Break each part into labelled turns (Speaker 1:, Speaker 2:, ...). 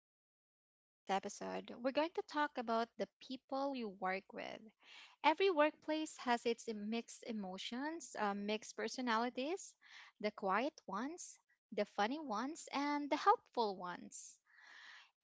Speaker 1: Welcome to today's episode. We're going to talk about the people you work with. Every workplace has its mixed emotions, mixed personalities, the quiet ones, the funny ones, and the helpful ones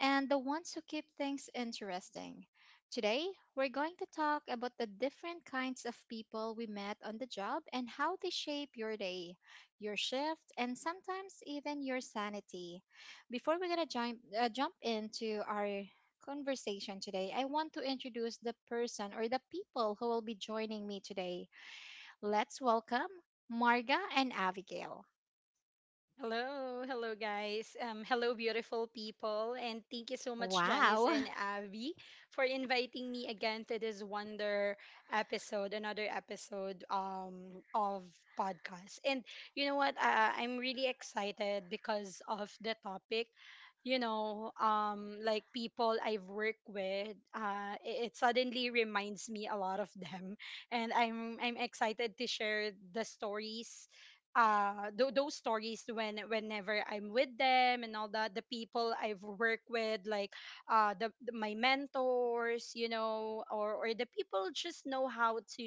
Speaker 1: and the ones who keep things interesting. Today, we're going to talk about the different kinds of people we met on the job and how they shape your day, your shift, and sometimes even your sanity. Before we're going to jump into our conversation today, I want to introduce the person or the people who will be joining me today. Let's welcome Marga and Abigail.
Speaker 2: Hello, hello guys. Hello, beautiful people, and thank you so much, Janice
Speaker 1: Wow.
Speaker 2: and Avi, for inviting me again to this wonder episode, another episode of podcast. And you know what? I'm really excited because of the topic. Like people I've worked with, it suddenly reminds me a lot of them, and I'm excited to share the stories those stories when whenever I'm with them and all that the people I've worked with, like my mentors, you know, or the people just know how to,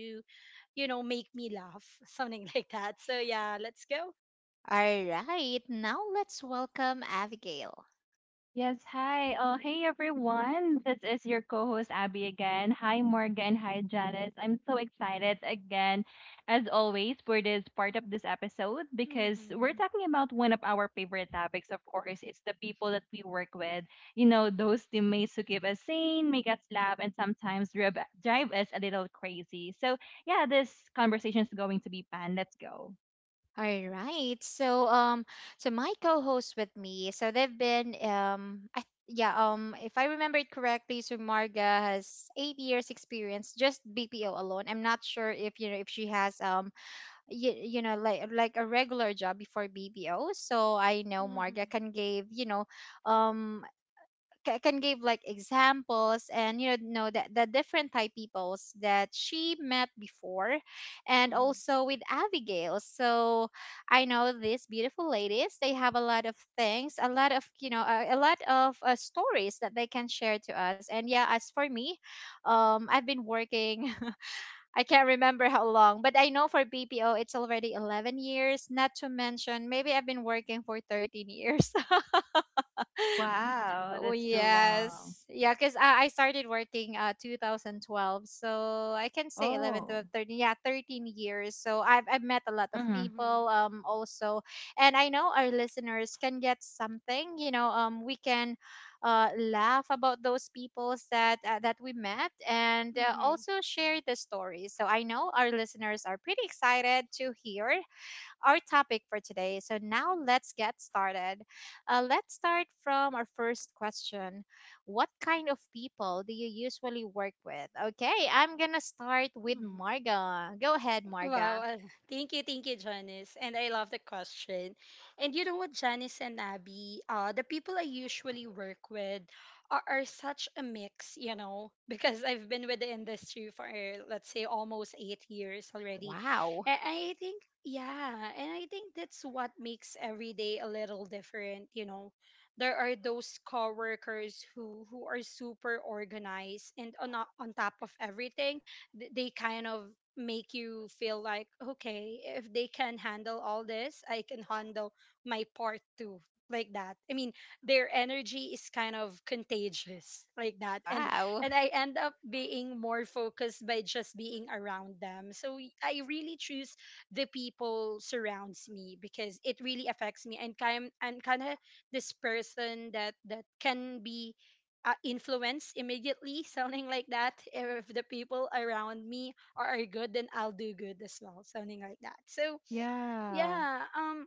Speaker 2: you know, make me laugh, something like that. So yeah, let's go.
Speaker 1: All right, now let's welcome Abigail.
Speaker 3: Yes, hi. Oh, hey everyone. This is your co-host Abby again. Hi Morgan. Hi Janice. I'm so excited again, as always, for this part of this episode because we're
Speaker 2: Mhm.
Speaker 3: talking about one of our favorite topics. Of course, it's the people that we work with. You know, those teammates who keep us sane, make us laugh, and sometimes drive us a little crazy. So yeah, this conversation is going to be fun. Let's go.
Speaker 1: All right. So my co-host with me, so they've been, if I remember it correctly, so Marga has 8 years experience just BPO alone. I'm not sure if you know if she has you know like a regular job before BPO. So I know Marga
Speaker 2: Mhm.
Speaker 1: can give, you know, um can give like examples and you know the different type peoples that she met before and
Speaker 2: Mhm.
Speaker 1: also with abigail so I know these beautiful ladies they have a lot of things a lot of you know a lot of stories that they can share to us and yeah as for me I've been working I can't remember how long but I know for bpo it's already 11 years, not to mention maybe I've been working for 13 years.
Speaker 3: Wow,
Speaker 1: Oh
Speaker 3: that's too
Speaker 1: yes.
Speaker 3: long.
Speaker 1: Yeah, because I started working 2012. So I can say 11,
Speaker 3: Oh,
Speaker 1: 12, 13. Yeah, 13 years. So I've met a lot of
Speaker 3: hmm,
Speaker 2: Mhm.
Speaker 1: people also. And I know our listeners can get something, you know, we can laugh about those peoples that we met and
Speaker 2: Mhm.
Speaker 1: also share the stories. So I know our listeners are pretty excited to hear our topic for today. So now let's get started. Let's start from our first question. What kind of people do you usually work with? Okay, I'm going to start with
Speaker 2: Mhm.
Speaker 1: Marga. Go ahead,
Speaker 2: Wow.
Speaker 1: Marga.
Speaker 2: Thank you. Thank you, Janice. And I love the question. And you know what, Janice and Abby, the people I usually work with are such a mix, you know, because I've been with the industry for, let's say, almost 8 years already.
Speaker 1: Wow.
Speaker 2: And I think, yeah, and I think that's what makes every day a little different, you know. There are those coworkers who are super organized and on top of everything. They kind of make you feel like, okay, if they can handle all this, I can handle my part too, like that. I mean, their energy is kind of contagious like that.
Speaker 1: Wow.
Speaker 2: And I end up being more focused by just being around them. So I really choose the people surrounds me, because it really affects me, and kind I'm kind of this person that can be, influence immediately, sounding like that. If the people around me are good, then I'll do good as well, sounding like that. So
Speaker 3: yeah.
Speaker 2: yeah,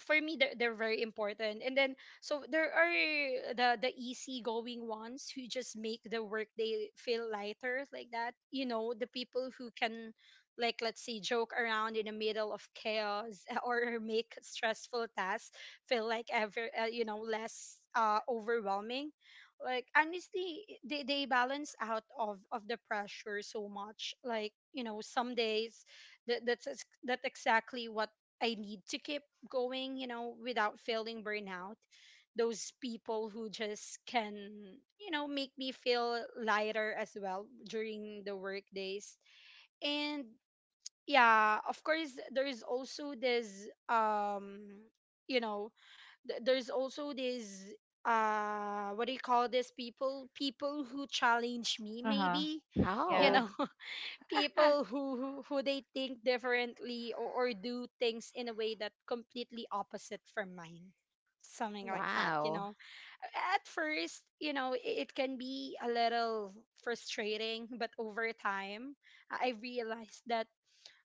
Speaker 2: for me they're very important. And then so there are the easy going ones who just make the workday feel lighter, like that. You know, the people who can, like, let's say, joke around in the middle of chaos or make stressful tasks feel like ever you know, less overwhelming. Like honestly, they balance out of the pressure so much. Like, you know, some days that's exactly what I need to keep going, you know, without feeling burnout. Those people who just can, you know, make me feel lighter as well during the work days. And yeah, of course, there is also this, you know, there's also this, what do you call this? People who challenge me,
Speaker 3: Uh-huh.
Speaker 2: maybe, you
Speaker 3: Yeah.
Speaker 1: Oh.
Speaker 2: know, people who they think differently, or do things in a way that completely opposite from mine, something like that, you
Speaker 1: Wow.
Speaker 2: know. At first, you know, it can be a little frustrating, but over time I realized that,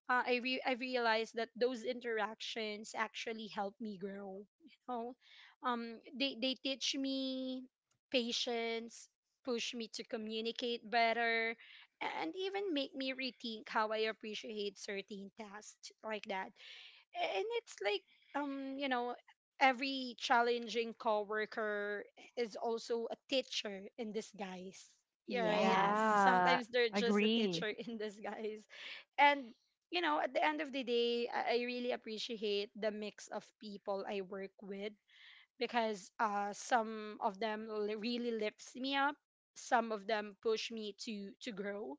Speaker 2: I realized that those interactions actually help me grow. You know, they teach me patience, push me to communicate better, and even make me rethink how I appreciate certain tasks, like that. And it's like, um, you know, every challenging coworker is also a teacher in disguise. Yeah, right,
Speaker 1: Yes.
Speaker 3: Yeah.
Speaker 2: sometimes they're just a
Speaker 3: Agree.
Speaker 2: teacher in disguise. And you know, at the end of the day, I really appreciate the mix of people I work with, because some of them really lifts me up, some of them push me to grow,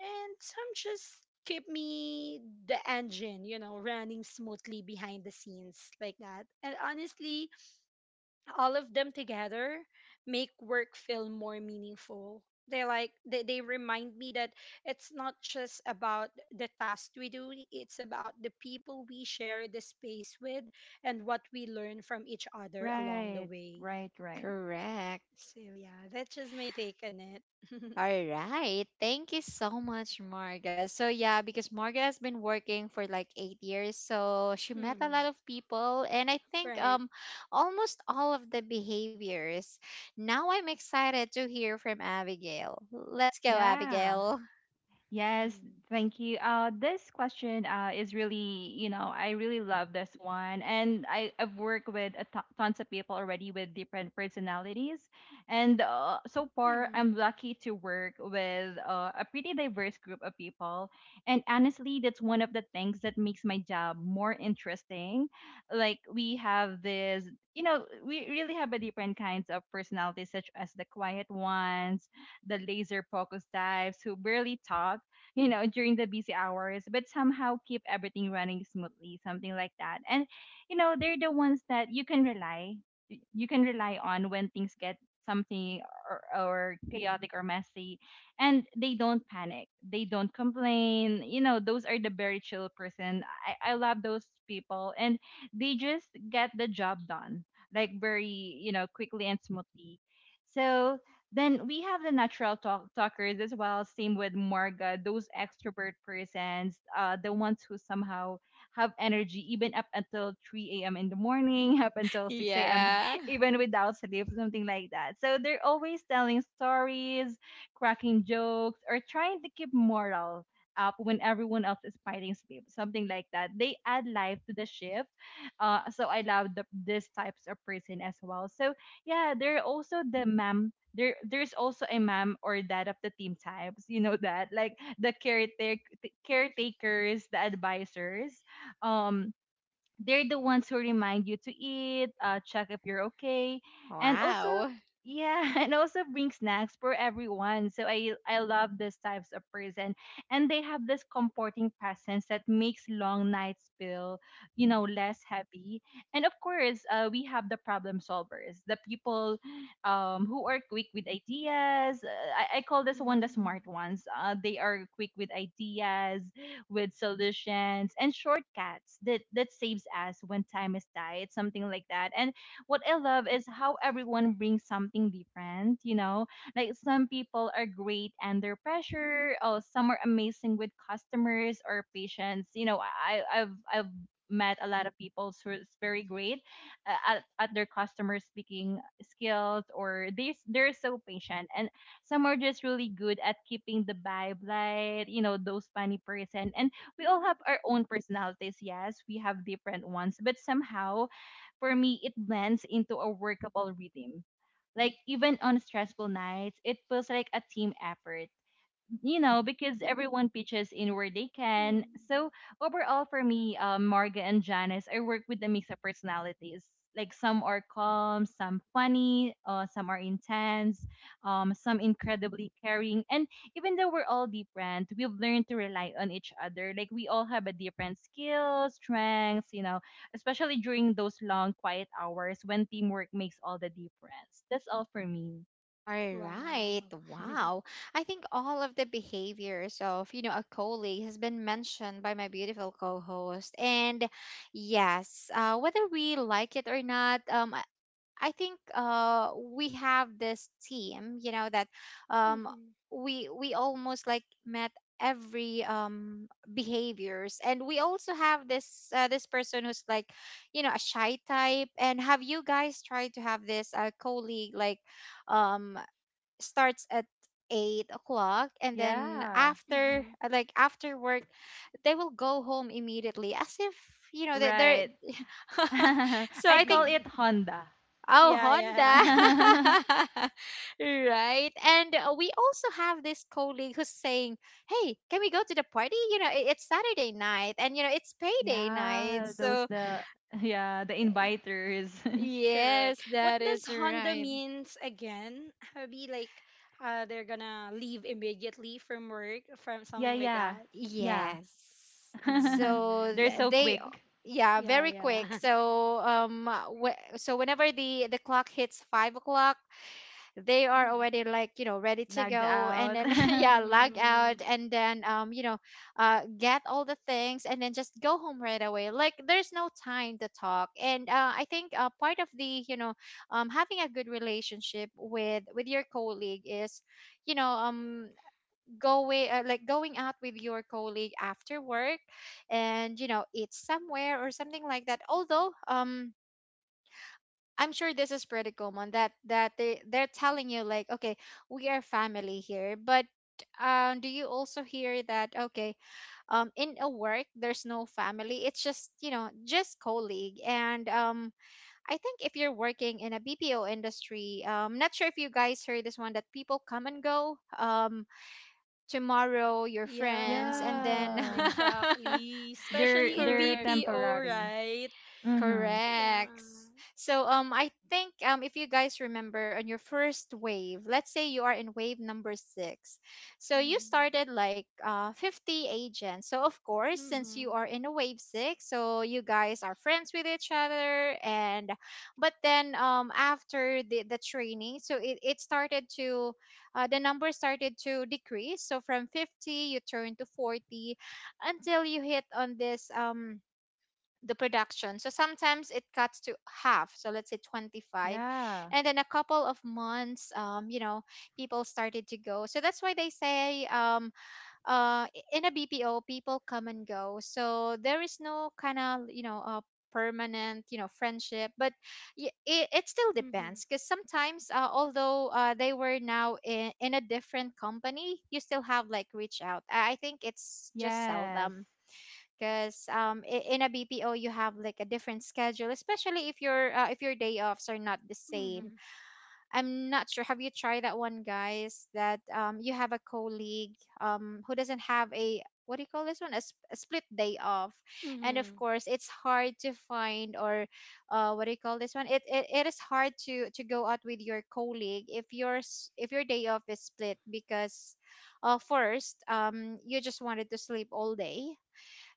Speaker 2: and some just keep me the engine, you know, running smoothly behind the scenes, like that. And honestly, all of them together make work feel more meaningful. They remind me that it's not just about the task we do, it's about the people we share the space with and what we learn from each other along the
Speaker 3: Right.
Speaker 2: way.
Speaker 3: Right. Right.
Speaker 1: Correct.
Speaker 2: So yeah, that's just my take on it.
Speaker 1: All right. Thank you so much, Marga. So yeah, because Marga has been working for like 8 years, so she met a
Speaker 2: Mm,
Speaker 1: lot of people, and I think
Speaker 2: right.
Speaker 1: almost all of the behaviors. Now I'm excited to hear from Abigail. Let's go,
Speaker 3: Yeah. Yeah.
Speaker 1: Abigail.
Speaker 3: Yes,
Speaker 2: Mm.
Speaker 3: thank you. This question is really, you know, I really love this one. And I've worked with a tons of people already with different personalities. And so far,
Speaker 2: Mhm.
Speaker 3: I'm lucky to work with a pretty diverse group of people. And honestly, that's one of the things that makes my job more interesting. Like, we have this, you know, we really have a different kinds of personalities, such as the quiet ones, the laser focus types who barely talk, you know, during the busy hours, but somehow keep everything running smoothly, something like that. And, you know, they're the ones that you can rely, you can rely on when things get something, or chaotic or messy, and they don't panic, they don't complain. You know, those are the very chill person. I love those people, and they just get the job done, like, very, you know, quickly and smoothly. So then we have the natural talkers as well. Same with Marga, those extrovert persons, the ones who somehow have energy even up until 3 a.m. in the morning, up until 6 a.m.,
Speaker 1: Yeah.
Speaker 3: even without sleep, something like that. So they're always telling stories, cracking jokes, or trying to keep morale up when everyone else is fighting sleep, something like that. They add life to the shift. So I love these types of person as well. So yeah, there are also the ma'am there there's also a mom or dad of the team types, you know, that like the caretakers, the advisors. um they're the ones who remind you to eat, check if you're okay, and also,
Speaker 1: Wow.
Speaker 3: yeah, and also bring snacks for everyone. So I love these types of person, and they have this comforting presence that makes long nights feel, you know, less heavy. And of course, we have the problem solvers, the people who are quick with ideas. I call this one the
Speaker 2: Mhm.
Speaker 3: smart ones. They are quick with ideas, with solutions and shortcuts that saves us when time is tight, something like that. And what I love is how everyone brings something different, you know? Like some people are great under pressure, or some are amazing with customers or patients. You know, I've met a lot of people who is very great at their customer speaking skills, or they're so patient, and some are just really good at keeping the vibe light, you know, those funny person. And we all have our own personalities. Yes, we have different ones, but somehow, for me, it blends into a workable rhythm. Like even on stressful nights, it feels like a team effort, you know, because everyone pitches in where they can.
Speaker 2: Mm.
Speaker 3: So overall, for me, Marga and Janice, I work with a mix of personalities. Like some are calm, some funny, some are intense, some incredibly caring. And even though we're all different, we've learned to rely on each other. Like we all have a different skills, strengths, you know, especially during those long quiet hours when teamwork makes all the difference. That's all for me.
Speaker 1: All right.
Speaker 2: Wow.
Speaker 1: Wow. I think all of the behaviors of, you know, a colleague has been mentioned by my beautiful co-host. And yes, whether we like it or not, I think we have this team, you know, that um,
Speaker 2: Mhm,
Speaker 1: we almost like met every behaviors and we also have this this person who's like you know a shy type. And have you guys tried to have this colleague like um starts at 8 o'clock and then
Speaker 3: Yeah,
Speaker 1: after
Speaker 2: mhm,
Speaker 1: uh, like after work they will go home immediately as if you know they're
Speaker 3: right. I
Speaker 1: so I think
Speaker 3: call it Honda.
Speaker 1: oh
Speaker 2: yeah, yeah.
Speaker 1: honda right. And we also have this colleague who's saying hey can we go to the party, you know it's saturday night and you know it's payday night
Speaker 3: Yeah, those
Speaker 1: so
Speaker 3: the yeah, the
Speaker 1: y-
Speaker 3: inviters.
Speaker 2: Correct.
Speaker 1: yes
Speaker 2: What
Speaker 1: that
Speaker 2: does
Speaker 1: is
Speaker 2: Honda
Speaker 1: right.
Speaker 2: means again? Be like, they're gonna leave immediately from work, from
Speaker 3: Yeah,
Speaker 2: something like
Speaker 3: yeah.
Speaker 2: that.
Speaker 3: Yeah.
Speaker 1: Yes. So
Speaker 3: They're
Speaker 2: Um,
Speaker 3: so quick.
Speaker 1: yeah,
Speaker 2: yeah,
Speaker 1: very quick.
Speaker 2: yeah.
Speaker 1: So so whenever the clock hits 5 o'clock, they are already like you know ready to
Speaker 3: Lagged
Speaker 1: go, and
Speaker 3: out.
Speaker 1: then yeah,
Speaker 2: Mm,
Speaker 1: log out,
Speaker 2: mm,
Speaker 1: and then you know, get all the things, and then just go home right away. Like there's no time to talk. And I think part of the you know, having a good relationship with your colleague is you know going like going out with your colleague after work and you know eat somewhere or something like that. Although I'm sure this is pretty common that they they're telling you like okay we are family here, but do you also hear that okay in a work there's no family, it's just you know just colleague. And I think if you're working in a BPO industry, not sure if you guys heard this one that people come and go, tomorrow your friends
Speaker 2: yeah,
Speaker 1: and then
Speaker 3: Yeah.
Speaker 2: exactly. Especially in
Speaker 3: They're
Speaker 1: correct.
Speaker 2: BPO,
Speaker 3: temporary.
Speaker 2: right?
Speaker 3: Mhm.
Speaker 1: Correct.
Speaker 2: Yeah.
Speaker 1: So I think if you guys remember on your first wave, let's say you are in wave number 6. So you
Speaker 2: Mm-hmm.
Speaker 1: started like 50 agents. So of course, since you
Speaker 2: Mm-hmm.
Speaker 1: are in a wave 6, so you guys are friends with each other. And but then after the training, so it started to the number started to decrease. So from 50 you turn to 40 until you hit on this the production. So sometimes it cuts to half. So let's say 25.
Speaker 3: Yeah.
Speaker 1: And then a couple of months, you know, people started to go. So that's why they say uh, in a BPO, people come and go. So there is no kind of, you know, permanent you know friendship. But it still
Speaker 2: Mm-hmm.
Speaker 1: depends because sometimes although they were now in a different company, you still have like reach out. I think it's just
Speaker 3: Yes.
Speaker 1: seldom because in a BPO you have like a different schedule, especially if your day offs are not the same. I'm not sure. Have you tried that one, guys? That you have a colleague who doesn't have a what do you call this one? A split day off, and of
Speaker 2: Mm-hmm.
Speaker 1: course it's hard to find. Or what do you call this one? It is hard to go out with your colleague if yours if your day off is split because first you just wanted to sleep all day,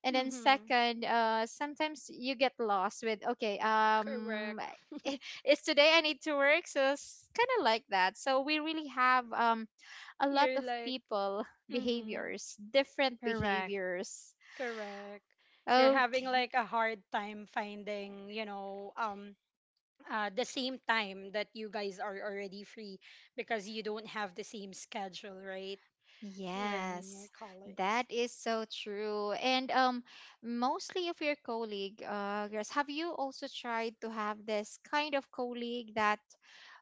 Speaker 1: and then
Speaker 2: Mm-hmm.
Speaker 1: second sometimes you get lost with okay
Speaker 2: Correct.
Speaker 1: it's today I need to work, so it's kind of like that. So we really have a lot
Speaker 2: You're
Speaker 1: of
Speaker 2: like,
Speaker 1: people
Speaker 2: mm-hmm.
Speaker 1: behaviors, different
Speaker 3: Correct.
Speaker 1: behaviors,
Speaker 2: Correct. You're having
Speaker 1: okay.
Speaker 2: like a hard time finding, you know, the same time that you guys are already free, because you don't have the same schedule, right? When
Speaker 1: Yes,
Speaker 2: your
Speaker 1: that
Speaker 2: colleagues.
Speaker 1: is so true. And mostly of your colleague, Grace, have you also tried to have this kind of colleague that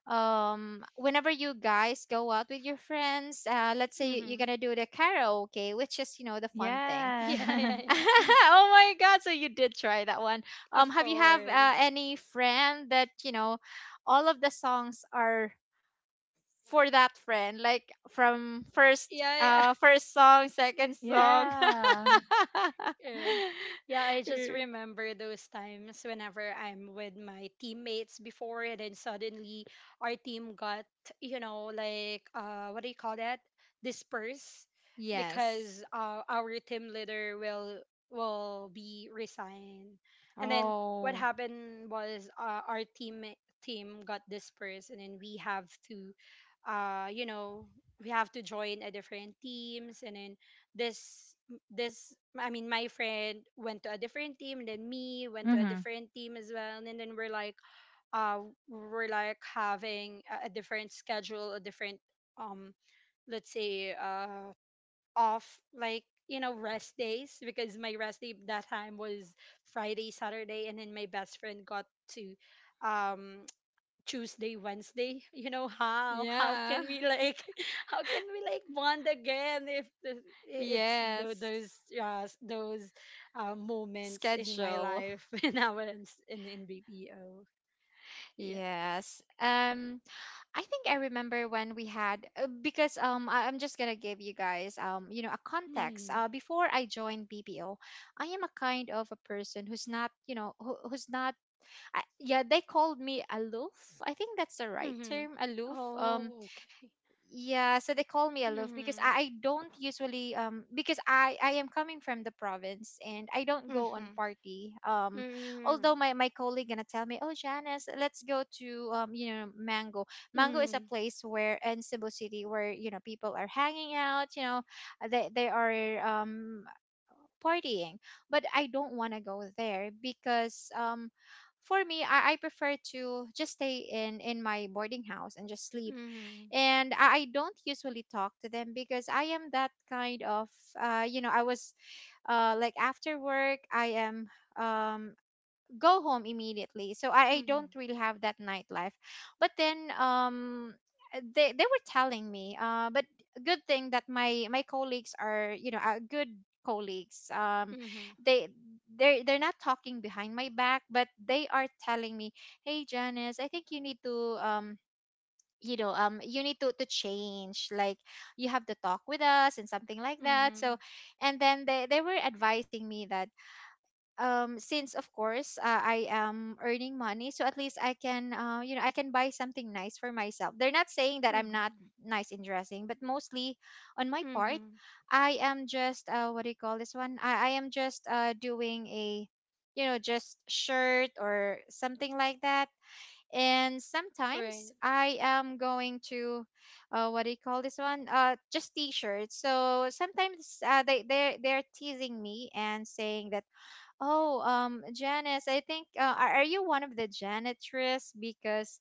Speaker 1: whenever you guys go out with your friends, let's say you're
Speaker 2: Mm-hmm.
Speaker 1: gonna do the karaoke, which is you know the fun thing.
Speaker 2: Yeah,
Speaker 3: Yeah.
Speaker 2: yeah, yeah.
Speaker 1: Oh my god, so you did try that one.
Speaker 2: Of
Speaker 1: Have
Speaker 2: course.
Speaker 1: any friend that you know all of the songs are for that friend, like from first
Speaker 2: Yeah, yeah.
Speaker 1: first song, second song.
Speaker 3: Yeah.
Speaker 2: Uh Yeah, I just
Speaker 1: Er,
Speaker 2: remember those times whenever I'm with my teammates before, and then suddenly our team got, you know, like, what do you call that? Dispersed,
Speaker 1: yes
Speaker 2: because our team leader will be resigned. And then what
Speaker 1: oh
Speaker 2: happened was, our team got dispersed, and then we have to, you know, we have to join a different teams. And then this this I mean my friend went to a different team, and then me went to a
Speaker 3: Mhm.
Speaker 2: different team as well. And then we're like, uh we're like having a different schedule, a different, um, let's say, off, like, you know, rest days. Because my rest day that time was Friday, Saturday, and then my best friend got to, um, Tuesday, Wednesday. You know, how can
Speaker 1: yeah
Speaker 2: we, like how can we, like, bond again if
Speaker 1: yes
Speaker 2: those, those, moments in my
Speaker 1: schedule.
Speaker 2: life when I was in BPO. Yeah.
Speaker 1: Yes. I think I remember when we had because I, I'm just gonna give you guys you know a context.
Speaker 2: Mm-hmm.
Speaker 1: Before I joined BPO, I am a kind of a person who's not you know who's not yeah they called me aloof. I think that's the right
Speaker 2: Mm-hmm.
Speaker 1: term, aloof.
Speaker 2: Oh, okay.
Speaker 1: Yeah, so they call me aloof because
Speaker 2: Mm-hmm.
Speaker 1: I don't usually because I am coming from the province and I don't go on
Speaker 2: Mm-hmm.
Speaker 1: party.
Speaker 2: Mm-hmm.
Speaker 1: Although my my colleague gonna tell me, "Oh, Janice, let's go to you know Mango." Mango is a place where in Cebu City where you know people are hanging out, you know. They are partying, but I don't want to go there because for me I prefer to just stay in my boarding house and just sleep.
Speaker 2: Mm-hmm.
Speaker 1: And I don't usually talk to them because I am that kind of you know I was like after work I am um go home immediately. So I don't
Speaker 2: Mm-hmm.
Speaker 1: really have that nightlife. But then they were telling me but good thing that my colleagues are, you know, good colleagues.
Speaker 2: Mm-hmm.
Speaker 1: They they're not talking behind my back, but they are telling me, "Hey Janice, I think you need to you know you need to change like you have to talk with us," and something like that.
Speaker 2: Mm-hmm.
Speaker 1: So and then they were advising me that since of course I am earning money, so at least I can you know I can buy something nice for myself. They're not saying that I'm not
Speaker 2: Mm-hmm.
Speaker 1: nice in dressing, but mostly on my part
Speaker 2: Mm-hmm.
Speaker 1: I am just what do you call this one, I am just doing a you know just shirt or something like that. And sometimes
Speaker 2: Right.
Speaker 1: I am going to what do you call this one, just t-shirts. So sometimes they they're teasing me and saying that, "Oh, Janice, I think are you one of the janitress? Because,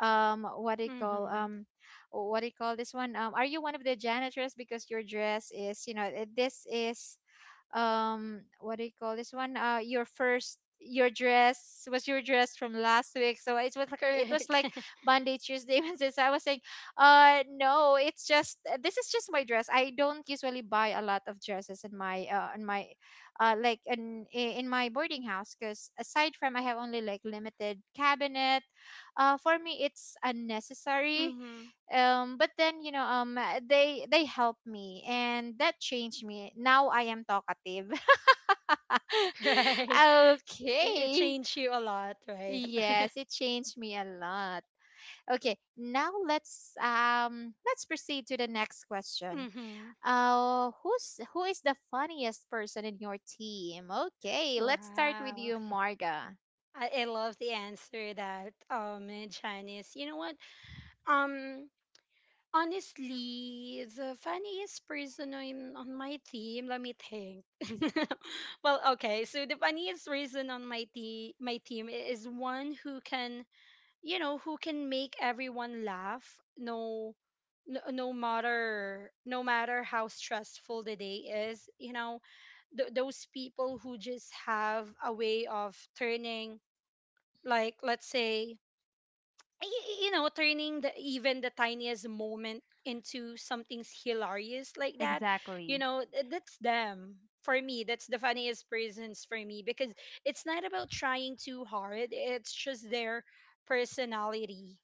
Speaker 1: what do you call
Speaker 2: Mm-hmm.
Speaker 1: what do you call this one?" Are you one of the janitress because your dress is, this is what do you call this one your first your dress was your dress from last week. So it was like
Speaker 2: Correct.
Speaker 1: Monday, Tuesday, Wednesday, so I was saying no, it's just this is just my dress. I don't usually buy a lot of dresses in my like in my boarding house because aside from I have only like limited cabinet, for me it's unnecessary.
Speaker 2: Hmm.
Speaker 1: But then they helped me and that changed me. Now I am talkative.
Speaker 2: Right? It, it
Speaker 1: Okay,
Speaker 2: changed you a lot, right?
Speaker 1: yes, it changed me a lot. Okay, now let's proceed to the next question.
Speaker 2: Mm-hmm.
Speaker 1: Who is the funniest person in your team? Okay, let's start with
Speaker 2: Wow.
Speaker 1: you, Marga.
Speaker 2: I love the answer that Janice. You know what? Um, honestly, the funniest person on my team, let me think. Well, okay, so the funniest person on my team is one who can, you know, who can make everyone laugh, no matter how stressful the day is. You know, those people who just have a way of turning, like, let's say, you know, turning the even the tiniest moment into something hilarious, like that. You
Speaker 3: Exactly.
Speaker 2: know, that's them. For me, that's the funniest persons for me, because it's not about trying too hard, it's just their personality,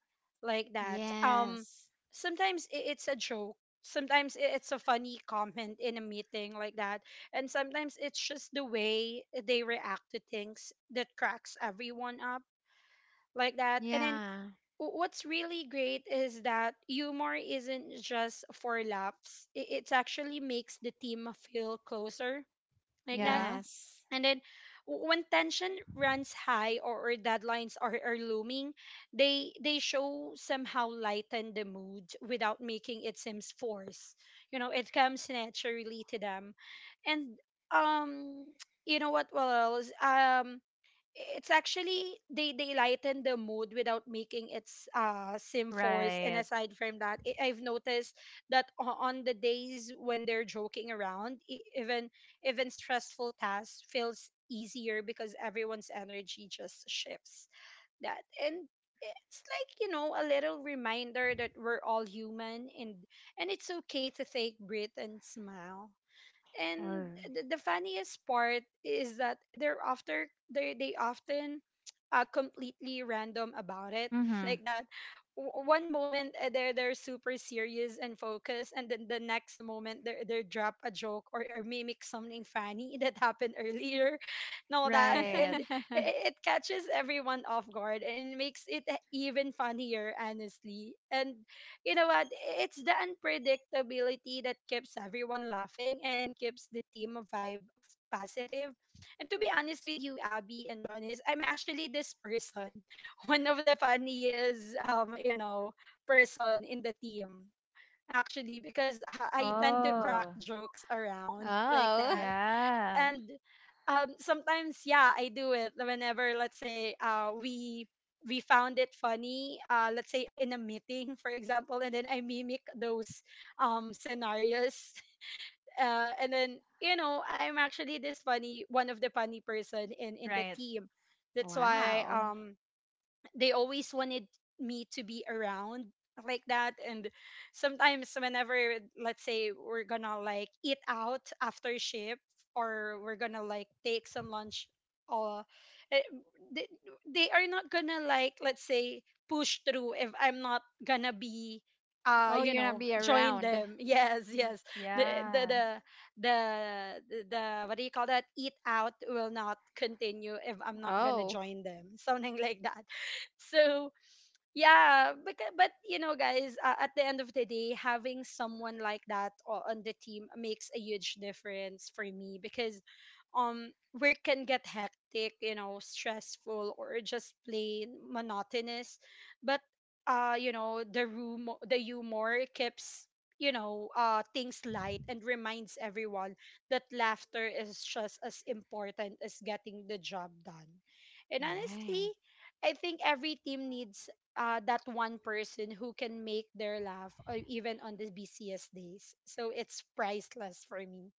Speaker 2: like that. Um,
Speaker 1: Yes.
Speaker 2: sometimes it's a joke, sometimes it's a funny comment in a meeting, like that. And sometimes it's just the way they react to things that cracks everyone up, like that. And then,
Speaker 1: Yeah.
Speaker 2: what's really great is that humor isn't just for laughs. It actually makes the team feel closer, like that.
Speaker 3: Yeah.
Speaker 1: Yes.
Speaker 2: And then, when tension runs high, or deadlines are looming, they show somehow lighten the mood without making it seems forced. You know, it comes naturally to them. And um, you know what else? Um, it's actually, they lighten the mood without making it's sim force. And
Speaker 3: Right.
Speaker 2: aside from that, I've noticed that, on the days when they're joking around, even stressful tasks feels easier, because everyone's energy just shifts that. And it's like, you know, a little reminder that we're all human, and it's okay to take breath and smile. And
Speaker 1: Or
Speaker 2: the funniest part is that they often, completely random about it like
Speaker 3: Mm-hmm.
Speaker 2: that. One moment, they're super serious and focused, and then the next moment they drop a joke, or mimic something funny that happened earlier, and all that.
Speaker 3: Right.
Speaker 2: And it catches everyone off guard and makes it even funnier, honestly. And you know what? It's the unpredictability that keeps everyone laughing and keeps the team vibe positive. And to be honest with you, Abby and Janice, I'm actually this person, one of the funniest, you know, person in the team. Actually, because I tend to crack
Speaker 3: Oh,
Speaker 2: jokes around, like
Speaker 1: oh.
Speaker 2: that.
Speaker 3: yeah.
Speaker 2: And sometimes, yeah, I do it whenever, let's say, we found it funny, let's say in a meeting, for example, and then I mimic those, scenarios, and then, you know, I'm actually this funny, one of the funny person in the
Speaker 3: Right.
Speaker 2: team. That's why,
Speaker 1: Wow.
Speaker 2: um, they always wanted me to be around, like that. And sometimes whenever, let's say, we're gonna like eat out after shift, or we're gonna like take some lunch, or eh, they, they are not gonna like, let's say, push through if I'm not gonna be,
Speaker 1: Oh,
Speaker 2: you
Speaker 1: you're not
Speaker 2: know,
Speaker 1: be
Speaker 2: join
Speaker 1: around.
Speaker 2: them. Yes,
Speaker 1: Mm.
Speaker 2: yes. the the
Speaker 3: Yeah.
Speaker 2: the the, what do you call that, eat out will not
Speaker 3: Mm-hmm.
Speaker 2: continue if I'm not
Speaker 3: Yeah,
Speaker 2: gonna
Speaker 3: eat
Speaker 1: Oh,
Speaker 3: out.
Speaker 2: join them something like that. So yeah, but you know, guys, at the end of the day, having someone like that on the team makes a huge difference for me, because work can get hectic, you know, stressful, or just plain monotonous. But you know, the humor keeps things light and reminds everyone that laughter is just as important as getting the job done. And
Speaker 1: you're
Speaker 2: honestly,
Speaker 1: right.
Speaker 2: I think every team needs that one person who can make their laugh even on the busiest days. So it's priceless for me.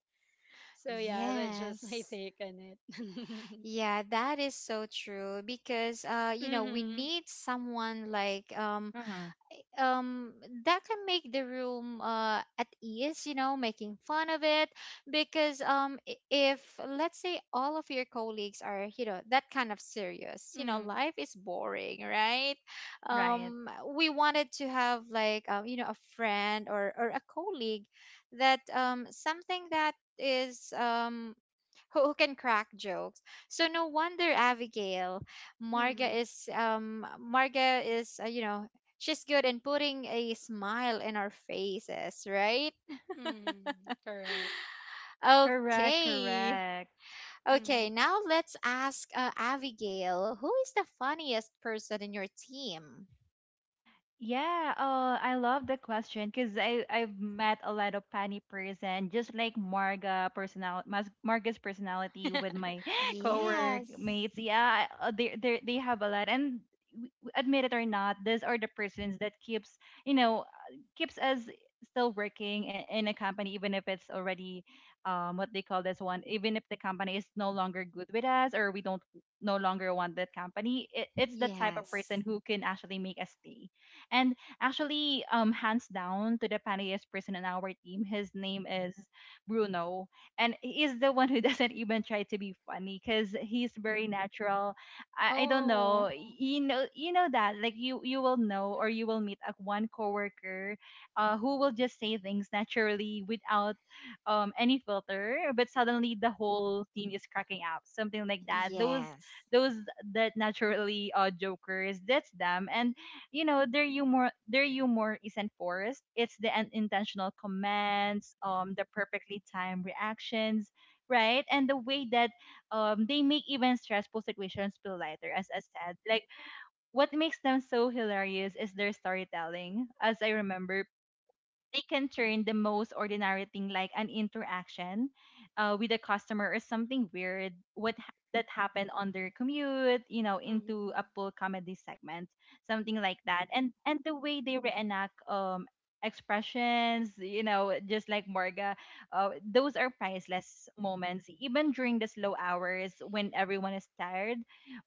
Speaker 2: So yeah, that's just my
Speaker 1: Yes.
Speaker 2: take on it.
Speaker 1: Yeah, that is so true because you know, we
Speaker 2: Mhm.
Speaker 1: need someone like
Speaker 3: Mm-hmm.
Speaker 1: um that can make the room at ease, you know, making fun of it. Because if let's say all of your colleagues are, you know, that kind of serious, you know,
Speaker 2: Mm.
Speaker 1: life is boring, right?
Speaker 3: Right.
Speaker 1: um we wanted to have like you know, a friend or a colleague that something that is who can crack jokes. So no wonder, Abigail,
Speaker 2: Mhm.
Speaker 1: Marga is you know, she's good in putting a smile in our faces, right?
Speaker 2: Mhm. Correct.
Speaker 3: Correct,
Speaker 1: Okay.
Speaker 3: correct.
Speaker 1: Okay,
Speaker 2: Mhm.
Speaker 1: now let's ask Abigail, who is the funniest person in your team?
Speaker 3: Yeah, I love the question because I've met a lot of funny person, just like Marga personality, Marga's personality with my
Speaker 2: Mm.
Speaker 3: cowork
Speaker 1: Yes.
Speaker 3: mates. Yeah, they they have a lot, and admit it or not, these are the persons that keeps, you know, keeps us still working in a company even if it's already what they call this one, even if the company is no longer good with us, or we don't no longer want that company, it, it's the type of
Speaker 1: Yes.
Speaker 3: person who can actually make us stay. And actually, hands down to the funniest person in our team, his name is Bruno, and he is the one who doesn't even try to be funny because he's very natural. I don't
Speaker 1: Oh,
Speaker 3: know, you know, you know that like you will know or you will meet a one coworker, who will just say things naturally without any filter, but suddenly the whole team is cracking up, something like that. Those
Speaker 1: yes.
Speaker 3: those that naturally jokers, that's them. And you know, their humor isn't forced, it's the unintentional comments, the perfectly timed reactions, right, and the way that they make even stressful situations feel lighter. As I said, like, what makes them so hilarious is their storytelling. As I remember, they can turn the most ordinary thing, like an interaction with a customer, or something weird that happened on their commute, you know, into a
Speaker 2: Mhm.
Speaker 3: full comedy segment, something like that. And the way they reenact expressions, you know, just like Morga, those are priceless moments, even during the slow hours when everyone is tired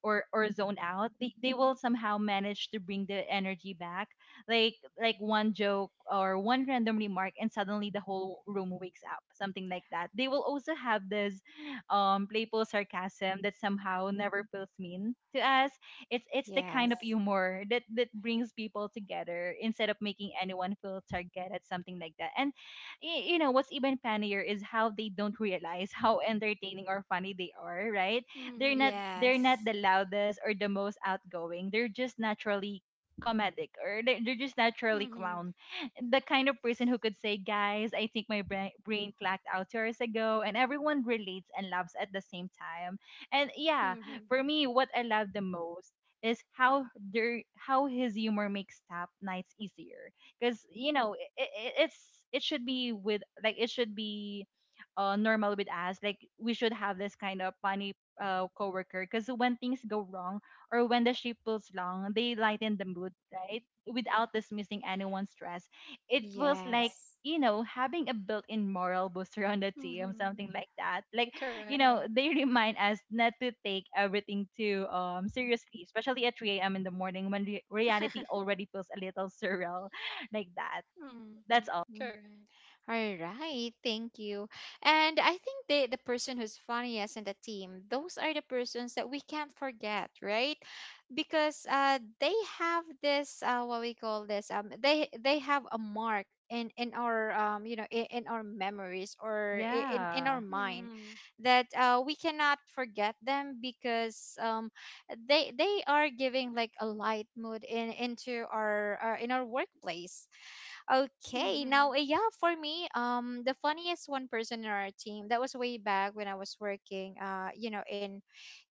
Speaker 3: or zoned out. They will somehow manage to bring the energy back, like like one joke or one random remark, and suddenly the whole room wakes up, something like that. They will also have this playful sarcasm that somehow never feels mean to us. It's the kind of
Speaker 1: Yes.
Speaker 3: humor that brings people together instead of making anyone feel targeted, something like that. And you know what's even funnier is how they don't realize how entertaining or funny they are, right?
Speaker 2: Mhm.
Speaker 3: They're not
Speaker 1: Yes.
Speaker 3: the loudest or the most outgoing, they're just naturally comedic, or they're just naturally
Speaker 2: Mhm.
Speaker 3: clown, the kind of person who could say, guys, I think my brain cracked out 2 hours ago, and everyone relates and laughs at the same time. And yeah,
Speaker 2: Mhm.
Speaker 3: for me, what I love the most is how his humor makes tap nights easier, because you know it's, it should be with like, it should be, normal with us, like we should have this kind of funny, coworker, because when things go wrong or when the ship pulls long, they lighten the mood, right? Without dismissing anyone's stress. It was like, you know, having a built in moral booster on the team,
Speaker 2: Mhm.
Speaker 3: something like that. Like, you
Speaker 2: Correct.
Speaker 3: know, they remind us not to take everything too seriously, especially at 3 a.m. in the morning when reality already feels a little surreal like that.
Speaker 2: Mm.
Speaker 3: That's all.
Speaker 1: Yes.
Speaker 2: Correct.
Speaker 1: All right, thank you. And I think the person who's funniest in the team, those are the persons that we can't forget, right? Because they have this what we call this they have a mark in our you know, in our memories or in
Speaker 3: Yeah.
Speaker 1: our mind,
Speaker 2: Mhm.
Speaker 1: that we cannot forget them because they are giving like a light mood in into our in our workplace. Okay,
Speaker 2: Mhm.
Speaker 1: now yeah, for me, the funniest one person in our team, that was way back when I was working, you know, in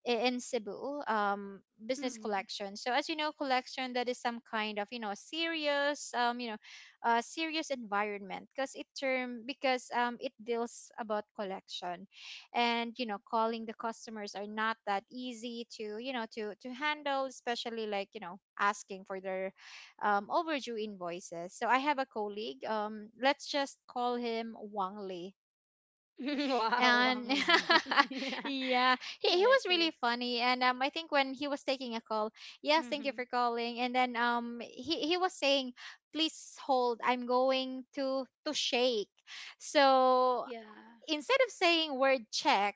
Speaker 1: in Cebu, business
Speaker 2: Mhm.
Speaker 1: collection. So as you know, collection, that is some kind of, you know, serious, you know, serious environment because it term because it deals about collection, and you know, calling the customers are not that easy to, you know, to handle, especially like, you know, asking for their overdue invoices. So I have a colleague. Let's just call him Wang Lee,
Speaker 2: Wow, Wang
Speaker 1: and
Speaker 2: Ling.
Speaker 1: yeah, he was
Speaker 2: Okay.
Speaker 1: really funny. And I think when he was taking a call, yes, thank
Speaker 2: Mhm.
Speaker 1: you for calling. And then he was saying, please hold, I'm going to shake. So
Speaker 2: Yeah.
Speaker 1: instead of saying word check,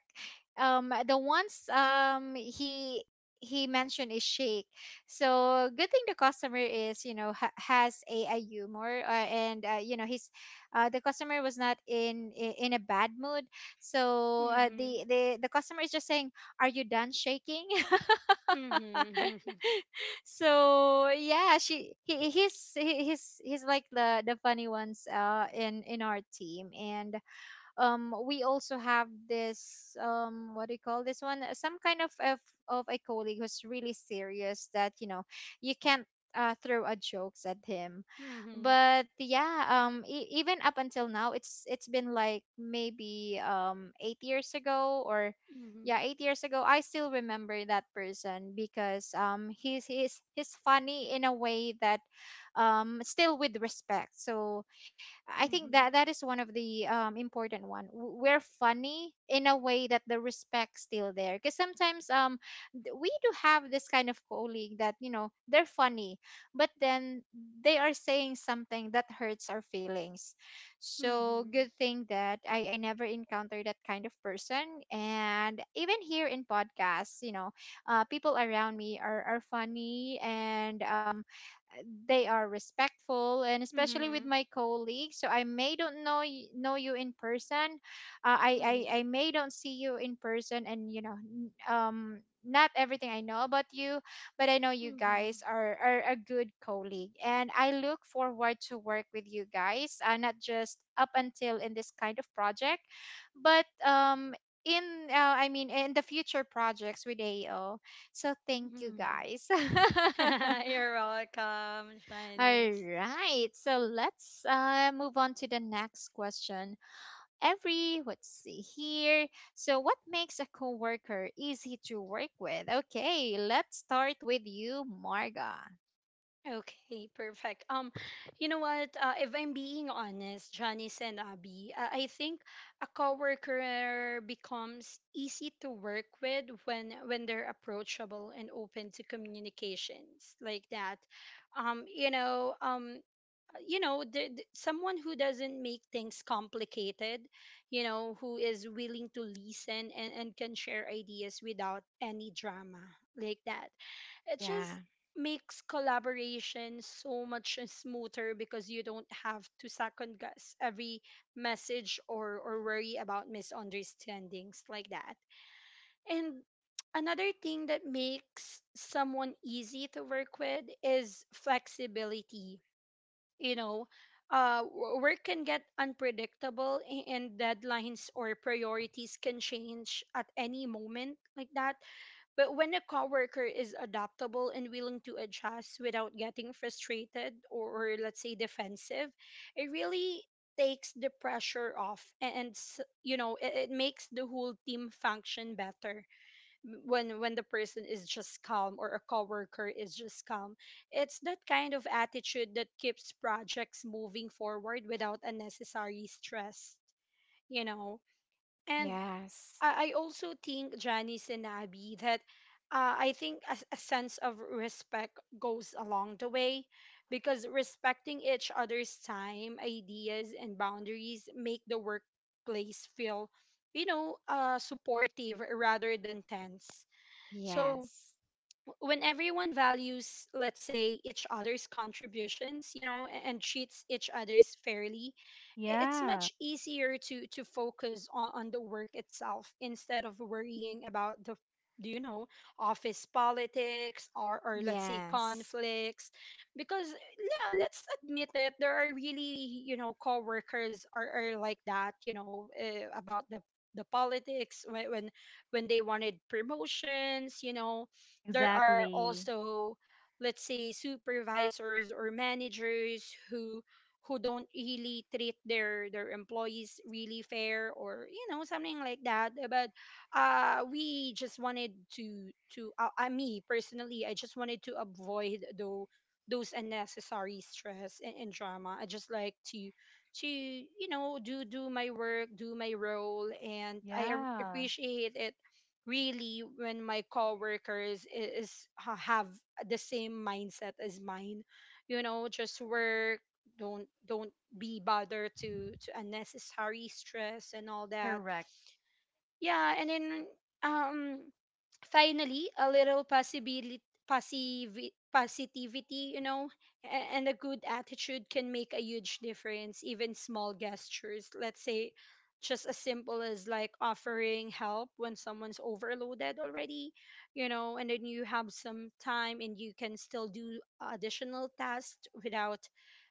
Speaker 1: the ones he mentioned is shake. So good thing the customer is, you know, has a humor, and you know, he's the customer was not in in a bad mood. So
Speaker 2: Mhm.
Speaker 1: the customer is just saying, "Are you done shaking?"
Speaker 2: Mhm. Mhm.
Speaker 1: So yeah, she he, he's like the funny ones in our team. And we also have this what do you call this one uh, some kind of of a colleague who's really serious, that you know, you can't throw a jokes at him.
Speaker 2: Mhm.
Speaker 1: But yeah, even up until now, it's been like maybe 8 years ago, or yeah,
Speaker 2: Mhm.
Speaker 1: 8 years ago, I still remember that person because he's he's funny in a way that still with respect. So I think that
Speaker 2: Mhm.
Speaker 1: is one of the important one. We're funny in a way that the respect still there. Because sometimes we do have this kind of colleague that, you know, they're funny, but then they are saying something that hurts our feelings. So
Speaker 2: Mhm.
Speaker 1: good thing that I never encountered that kind of person, and even here in podcasts, you know, people around me are funny, and they are respectful, and especially with my colleagues. So I may don't know know you in person, I,
Speaker 2: Mhm.
Speaker 1: I may don't see you in person, and you know, not everything I know about you, but I know you
Speaker 2: Mhm.
Speaker 1: guys are a good colleague, and I look forward to work with you guys, not just up until in this kind of project, but in I mean, in the future projects with ao. So thank you
Speaker 2: Mhm.
Speaker 1: guys.
Speaker 2: You're welcome,
Speaker 1: All
Speaker 2: Janice.
Speaker 1: right, so let's move on to the next question. Every, let's see here. So, what makes a coworker easy to work with? Okay, let's start with you, Marga.
Speaker 2: Okay, perfect. You know what? If I'm being honest, Janice and Abby, I think a coworker becomes easy to work with when they're approachable and open to communications, like that. um you know um you know, someone who doesn't make things complicated, you know, who is willing to listen and can share ideas without any drama, like that. It just
Speaker 1: Yeah,
Speaker 2: makes collaboration so much smoother because you don't have to second guess every message or worry about misunderstandings, like that. And another thing that makes someone easy to work with is flexibility, you know. Work can get unpredictable, a- and deadlines or priorities can change at any moment, like that. But when a coworker is adaptable and willing to adjust without getting frustrated or, let's say defensive, it really takes the pressure off, and, you know, it makes the whole team function better. When the person is just calm or a coworker is just calm, it's that kind of attitude that keeps projects moving forward without unnecessary stress, you know. And
Speaker 1: yes,
Speaker 2: I also think, Janice and Abby, that I think a sense of respect goes along the way, because respecting each other's time, ideas, and boundaries make the workplace feel, you know, supportive rather than tense. So
Speaker 1: yes,
Speaker 2: when everyone values, let's say, each other's contributions, you know, a- and treats each other's fairly, it's
Speaker 3: Yeah.
Speaker 2: much easier to focus on the work itself instead of worrying about the, do you know, office politics or, let's say,
Speaker 1: yes,
Speaker 2: conflicts. Because yeah, let's admit it, there are really, you know, coworkers are like that, you know, about the politics when, when they wanted promotions, you know. There are
Speaker 3: Exactly.
Speaker 2: also, let's say, supervisors or managers who don't really treat their employees really fair or, you know, something like that. But we just wanted to me personally, I just wanted to avoid though those unnecessary stress and drama. I just like to you know, do my work, do my role, and I
Speaker 3: Yeah.
Speaker 2: appreciate it really when my coworkers is, have the same mindset as mine. You know, just work, don't be bothered to unnecessary stress and all that.
Speaker 3: Correct.
Speaker 2: Yeah, and then um finally, a little possibility, positivity, you know, a- and a good attitude can make a huge difference. Even small gestures, let's say, just as simple as like offering help when someone's overloaded already, you know, and then you have some time and you can still do additional tasks without,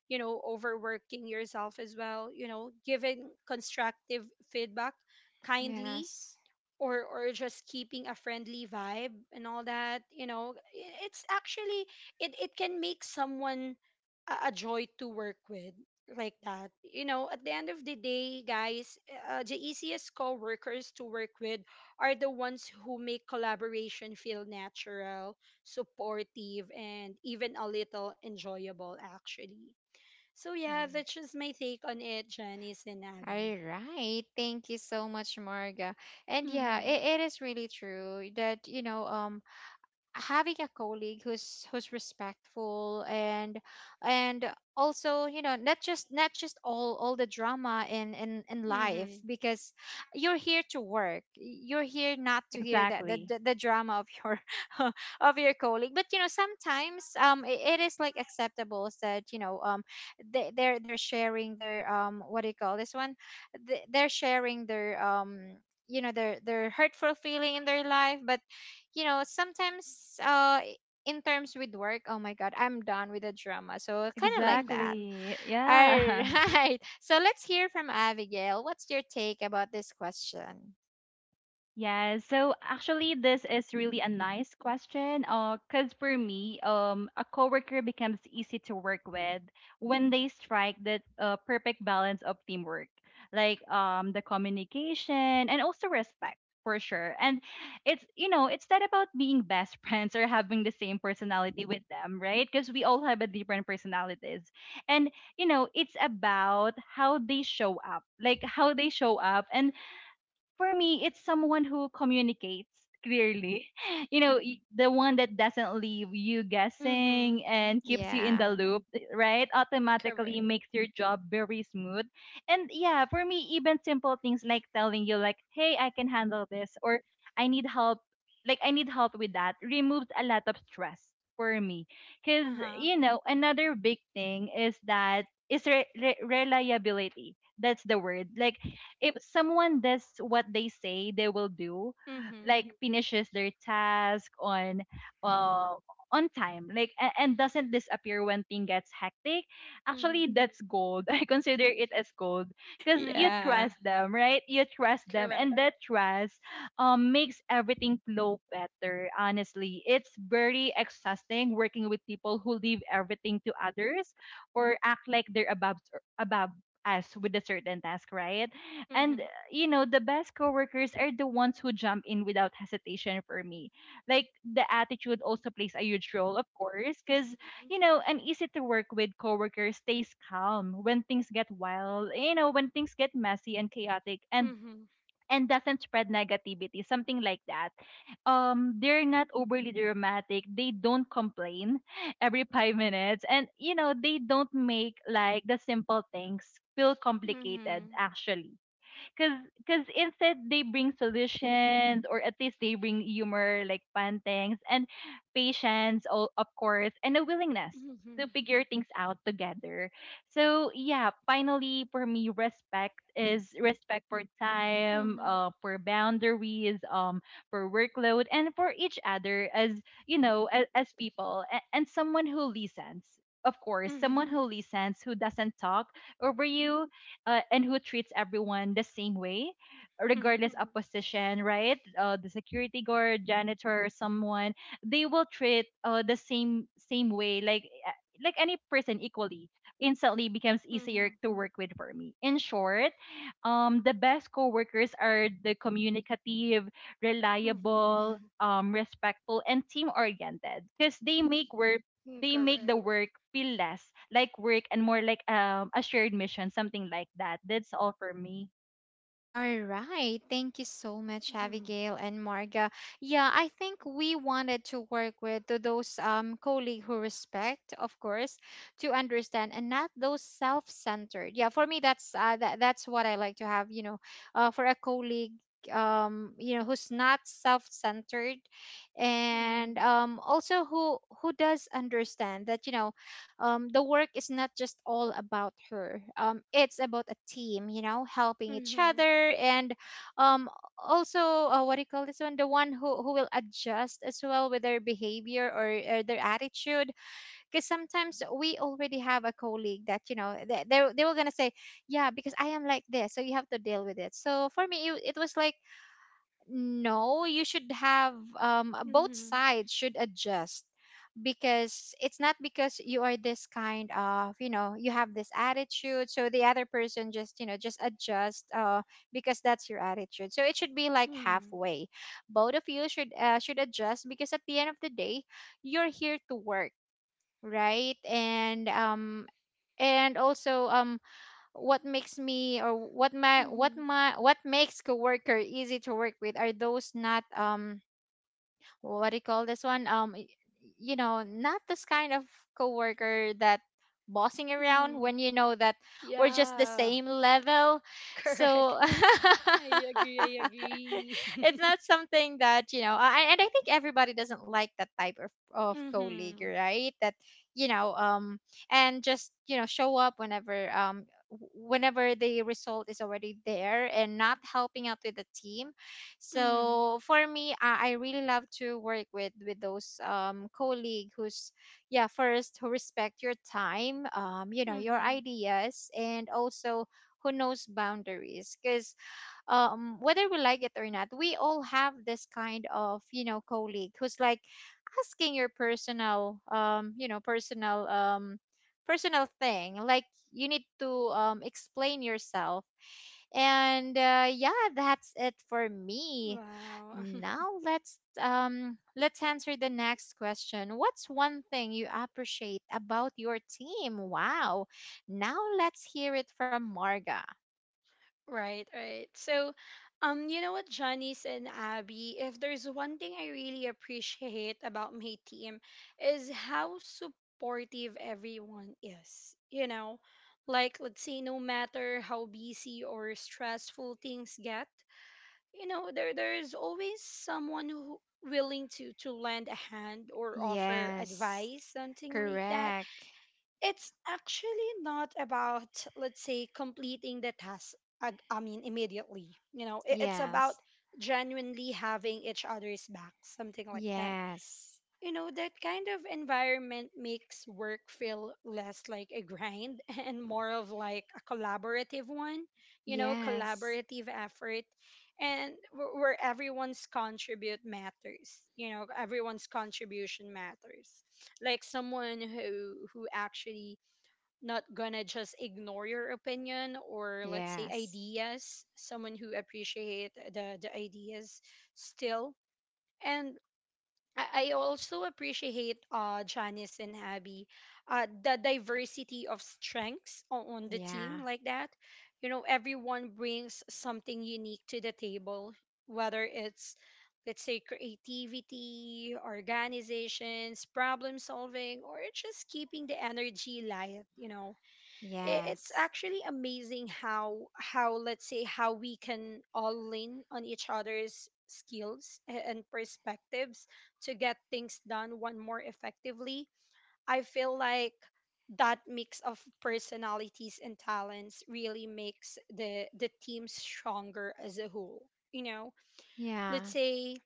Speaker 2: you know, overworking yourself as well, you know, giving constructive feedback kindly
Speaker 1: yes.
Speaker 2: or just keeping a friendly vibe and all that, you know. It's actually, it can make someone a joy to work with, like that. You know, at the end of the day, guys, the easiest co-workers to work with are the ones who make collaboration feel natural, supportive, and even a little enjoyable actually. So yeah,
Speaker 1: Mm.
Speaker 2: that's just my take on it, Janice and
Speaker 1: All
Speaker 2: Abby.
Speaker 1: right, thank you so much, Marga. And yeah,
Speaker 2: Mm-hmm.
Speaker 1: it is really true that, you know, having a colleague who's who's respectful, and and also, you know, not just all the drama in life.
Speaker 2: Mm-hmm.
Speaker 1: Because you're here to work, you're here not to hear that
Speaker 3: Exactly.
Speaker 1: the drama of your of your colleague. But you know, sometimes it, it is like acceptable that, you know, they, they're sharing their what do you call this one They- they're sharing their you know, their hurtful feeling in their life. But you know, sometimes in terms with work, oh my god, I'm done with the drama. So kind of like that.
Speaker 2: Mm-hmm.
Speaker 3: Exactly.
Speaker 1: All
Speaker 3: Yeah.
Speaker 1: right. So let's hear from Abigail. What's your take about this question?
Speaker 3: Yeah, so actually this is really a nice question. Cause for me, a coworker becomes easy to work with when they strike that perfect balance of teamwork, like, the communication and also respect for sure. And it's, you know, it's not about being best friends or having the same personality with them, right? Because we all have a different personalities, and you know it's about how they show up, and for me, it's someone who communicates clearly. You know, the one that doesn't leave you
Speaker 2: Mm-hmm.
Speaker 3: guessing and keeps you in
Speaker 1: Yeah.
Speaker 3: the loop, eh, right? Automatically
Speaker 2: Correct.
Speaker 3: makes your job very smooth. And yeah, for me, even simple things like telling you, like, hey, I can handle this, or I need help, like, I need help with that, removes a lot of stress for me. Because,
Speaker 2: Uh huh.
Speaker 3: you know, another big thing is that is reliability. That's the word. Like, if someone does what they say they will do,
Speaker 2: Mhm.
Speaker 3: like finishes their task uh on time, like, and doesn't disappear when thing gets hectic, actually
Speaker 2: Mhm.
Speaker 3: that's gold. I consider it as gold because you
Speaker 2: Mhm.
Speaker 1: Yeah.
Speaker 3: trust them, right? You trust them,
Speaker 2: Correct.
Speaker 3: and that trust makes everything flow better. Honestly, it's very exhausting working with people who leave everything to others or act like they're above us with a certain task, right? and
Speaker 2: Mhm.
Speaker 3: You know, the best coworkers are the ones who jump in without hesitation for me, like the attitude also plays a huge role, of course, because you know an easy to work with coworker stays calm when things get wild, you know, when things get messy and chaotic, and
Speaker 2: Mhm.
Speaker 3: and doesn't spread negativity, something like that. They're not overly dramatic, they don't complain every five minutes, and you know they don't make like the simple things feel complicated
Speaker 2: Mhm.
Speaker 3: actually. Cause, cause instead they bring solutions, or at least they bring humor, like pantings and patience, of course, and a willingness to
Speaker 2: Mhm.
Speaker 3: figure things out together. So yeah, finally for me, respect is respect for time,
Speaker 2: Mhm.
Speaker 3: for boundaries, for workload, and for each other as, you know, as people, and someone who listens. Of course, someone
Speaker 2: Mhm.
Speaker 3: who listens, who doesn't talk over you, and who treats everyone the same way, regardless
Speaker 2: Mhm.
Speaker 3: of position, right? The security guard, janitor, someone, they will treat the same way, like any person equally. Instantly becomes easier
Speaker 2: Mhm.
Speaker 3: to work with for me. In short, the best coworkers are the communicative,
Speaker 2: Mhm.
Speaker 3: reliable, respectful, and team oriented, because
Speaker 2: Mhm.
Speaker 3: they make the
Speaker 2: Correct.
Speaker 3: work feel less like work and more like, a shared mission, something like that. That's all for me.
Speaker 1: All right. Thank you so much,
Speaker 2: Mhm.
Speaker 1: Abigail and Marga. Yeah, I think we wanted to work with to those colleagues who respect, of course, to understand, and not those self-centered. Yeah, for me that's that's what I like to have, you know, for a colleague, you know, who's not self-centered. And
Speaker 2: Mhm.
Speaker 1: also, who does understand that, you know, the work is not just all about her. It's about a team, you know, helping each
Speaker 2: Mhm.
Speaker 1: other. And um, also what do you call this one? the one who will adjust as well with their behavior, or their attitude. Because sometimes we already have a colleague that, you know, they they were gonna say, yeah, because I am like this, so you have to deal with it. So for me, it was like, no, you should have both
Speaker 2: Mhm.
Speaker 1: sides should adjust. Because it's not because you are this kind of, you know, you have this attitude, so the other person just, you know, just adjust because that's your attitude. So it should be like
Speaker 2: Mhm.
Speaker 1: halfway, both of you should adjust. Because at the end of the day, you're here to work, right? And and also what makes me or what my what
Speaker 2: Mhm.
Speaker 1: my what makes coworker easy to work with are those not what do you call this one? Y- you know, not this kind of coworker that bossing around
Speaker 2: Mhm.
Speaker 1: when you know that we're just the
Speaker 2: Yeah.
Speaker 1: same level.
Speaker 2: Correct.
Speaker 1: So
Speaker 2: I agree. I agree.
Speaker 1: it's not something that you know. I, and I think everybody doesn't like that type of colleague,
Speaker 2: Mhm.
Speaker 1: right? That you know, and just, you know, show up whenever whenever the result is already there, and not helping out with the team.
Speaker 2: Mhm.
Speaker 1: So for me, I really love to work with those colleague who's, yeah, first, who respect your time, you know, your
Speaker 2: Mhm.
Speaker 1: ideas, and also who knows boundaries. Because whether we like it or not, we all have this kind of, you know, colleague who's like asking your personal personal thing, like you need to explain yourself. And yeah, that's it for me.
Speaker 2: Wow.
Speaker 1: Now let's answer the next question. What's one thing you appreciate about your team? Wow. Now let's hear it from Marga.
Speaker 2: Right, right. So, you know what, Janice and Abby, if there's one thing I really appreciate about my team, is how supportive everyone is. You know, like, let's say, no matter how busy or stressful things get, you know, there there's always someone who willing to lend a hand or offer
Speaker 1: Yes.
Speaker 2: advice, something like that.
Speaker 1: Correct.
Speaker 2: It's actually not about, let's say, completing the task. I mean, immediately. You know, it's about
Speaker 1: Yes.
Speaker 2: genuinely having each other's back, something like that.
Speaker 1: Yes.
Speaker 2: You know, that kind of environment makes work feel less like a grind and more of like a collaborative one, you know,
Speaker 1: Yes.
Speaker 2: collaborative effort, and where everyone's contribute matters, you know, everyone's contribution matters. Like someone who actually not gonna just ignore your opinion or, let's say,
Speaker 1: Yes.
Speaker 2: ideas, someone who appreciate the ideas still. And I also appreciate, Janice and Abby, the diversity of strengths on the team,
Speaker 1: Yeah.
Speaker 2: like that. You know, everyone brings something unique to the table, whether it's, let's say, creativity, organizations, problem solving, or just keeping the energy light. You know, it's
Speaker 1: Yes.
Speaker 2: actually amazing how let's say how we can all lean on each other's skills and perspectives to get things done one more effectively. I feel like that mix of personalities and talents really makes the team stronger as a whole, you know. Let's
Speaker 1: Yeah.
Speaker 2: say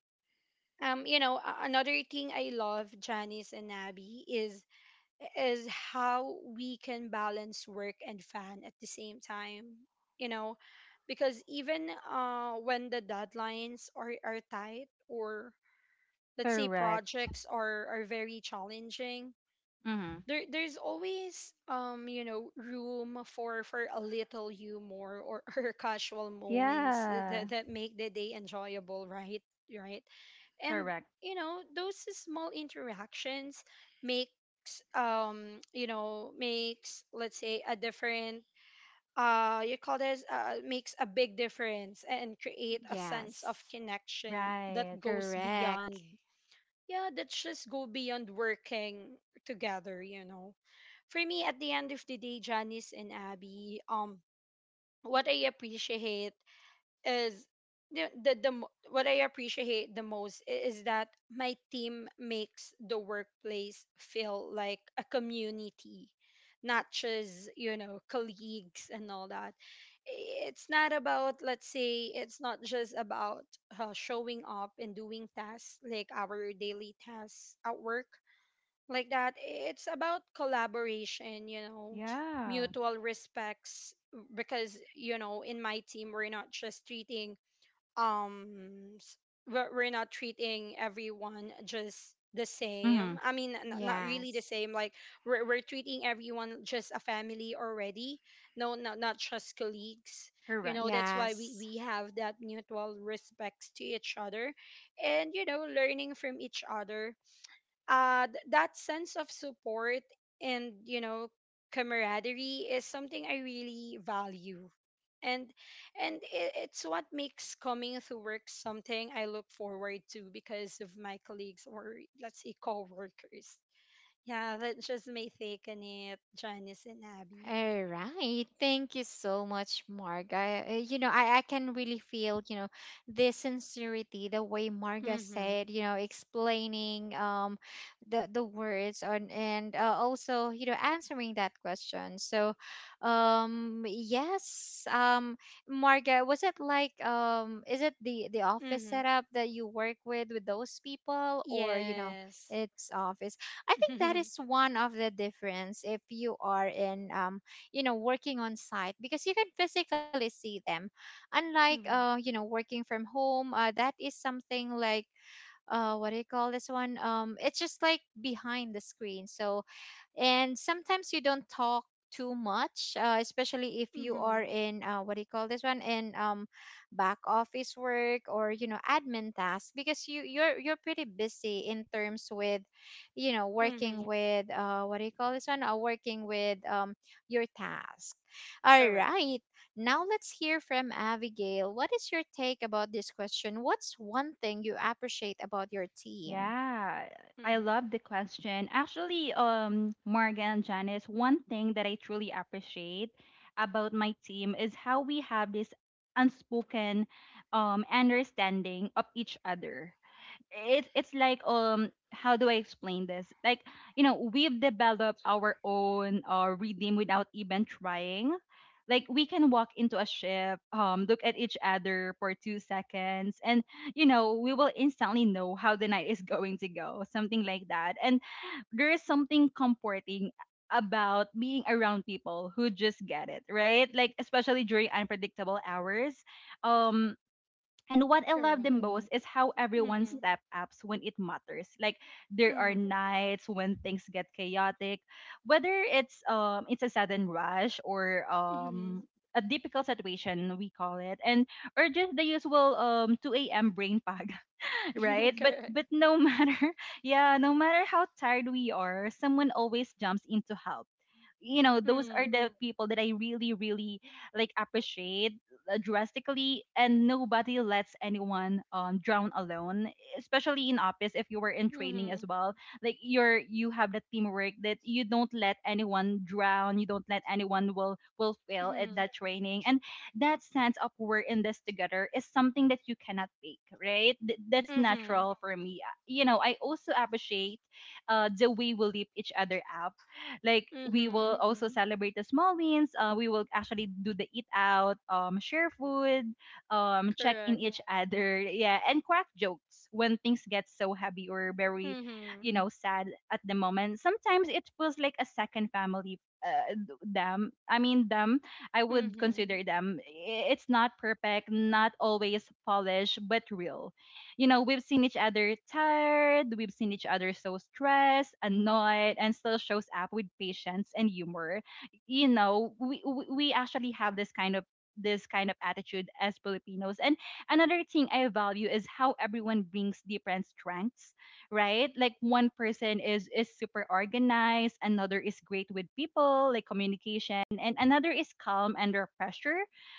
Speaker 2: you know, another thing I love, Janice and Abby, is how we can balance work and fun at the same time, you know, because even when the deadlines are, tight or, let's say,
Speaker 3: Correct.
Speaker 2: projects are, very challenging,
Speaker 3: Mm-hmm.
Speaker 2: there, there's always you know, room for a little humor or, or casual moments
Speaker 3: Yeah.
Speaker 2: that, make the day enjoyable, right? Right. And
Speaker 3: Correct.
Speaker 2: you know, those small interactions makes you know, makes, let's say, a different, you call this makes a big difference and create a sense
Speaker 1: Yes.
Speaker 2: of connection that
Speaker 3: Right.
Speaker 2: goes beyond,
Speaker 1: Correct.
Speaker 2: yeah, that just go beyond working together, you know. For me at the end of the day, Janice and Abby, what I appreciate is the, what I appreciate the most is that my team makes the workplace feel like a community, not just, you know, colleagues and all that. It's not about, let's say, it's not just about showing up and doing tasks like our daily tasks at work, like that. It's about collaboration, you know,
Speaker 3: Yeah.
Speaker 2: mutual respects, because you know, in my team we're not just treating um s- we're not treating everyone just the
Speaker 3: Mm-hmm.
Speaker 2: same, I mean, not really the
Speaker 1: Yes.
Speaker 2: same. Like we're, treating everyone just a family already, no, not not just colleagues. You
Speaker 3: Correct.
Speaker 2: know, that's why we,
Speaker 1: Yes.
Speaker 2: have that mutual respects to each other, and you know, learning from each other. That sense of support and, you know, camaraderie is something I really value, and and it, it's what makes coming to work something I look forward to because of my colleagues or, let's say, co-workers. Yeah, that's just my take on it, Janice and Abby.
Speaker 1: All right. Thank you so much, Mark. You know, I can really feel, you know, the sincerity, the way Marga said,
Speaker 2: Mhm.
Speaker 1: you know, explaining the words on. And also, you know, answering that question. So, yes, Marga, was it like is it the office
Speaker 2: Mhm.
Speaker 1: setup that you work with those people, or, you know,
Speaker 2: Yes.
Speaker 1: it's office? I think that is one of the difference if you are in working on site, because you can physically see them, unlike
Speaker 2: Mhm.
Speaker 1: working from home. That is something like what do you call this one, it's just like behind the screen. So, and sometimes you don't talk too much, especially if you are
Speaker 2: Mhm.
Speaker 1: in, what do you call this one, in back office work or admin tasks, because you're pretty busy in terms with
Speaker 2: Mhm.
Speaker 1: working
Speaker 2: Mhm.
Speaker 1: with, what do you call this one, working with, your task. All
Speaker 2: Correct.
Speaker 1: right, now let's hear from Abigail. What is your take about this question? What's one thing you appreciate about your team?
Speaker 3: Yeah. I
Speaker 2: Mhm.
Speaker 3: love the question. Actually, Morgan, Janice, one thing that I truly appreciate about my team is how we have this unspoken, understanding of each other. It's like, um, how do I explain this? Like, you know, we've developed our own rhythm without even trying. Like we can walk into a ship, look at each other for two seconds, and you know we will instantly know how the night is going to go, something like that. And there is something comforting about being around people who just get it, right? Like especially during unpredictable hours. Um, and what I love the
Speaker 2: Correct.
Speaker 3: most is how everyone
Speaker 2: Mhm.
Speaker 3: step ups when it matters. Like there are
Speaker 2: Mhm.
Speaker 3: nights when things get chaotic, whether it's a sudden rush, or
Speaker 2: Mhm.
Speaker 3: a difficult situation we call it, and or just the usual, um, 2 a.m. brain fog, right? But
Speaker 2: Correct.
Speaker 3: but no matter yeah, no matter how tired we are, someone always jumps in to help. You know, those are
Speaker 2: Mhm.
Speaker 3: the people that I really like appreciate, drastically, and nobody lets anyone, um, drown alone, especially in office if you were in training as
Speaker 2: Mhm.
Speaker 3: well. Like you're, you have the teamwork that you don't let anyone drown, you don't let anyone will fail at
Speaker 2: Mhm.
Speaker 3: that training, and that sense of we're in this together is something that you cannot fake, right? That's
Speaker 2: Mhm.
Speaker 3: natural for me. You know, I also appreciate, the way we lift each other up. Like we will
Speaker 2: Mhm.
Speaker 3: also celebrate the small wins, we will actually do the eat out, share food, check in
Speaker 2: Correct.
Speaker 3: each other, yeah, and crack jokes when things get so heavy or very, you
Speaker 2: Mhm.
Speaker 3: know, sad at the moment. Sometimes it feels like a second family. Them I would consider
Speaker 2: Mhm.
Speaker 3: them. It's not perfect, not always polished, but real. You know, we've seen each other tired, we've seen each other so stressed, annoyed, and still shows up with patience and humor. You know, we actually have this kind of attitude as Filipinos. And another thing I value is how everyone brings different strengths, right? Like one person is super organized, another is great with people, like communication, and another is calm under pressure.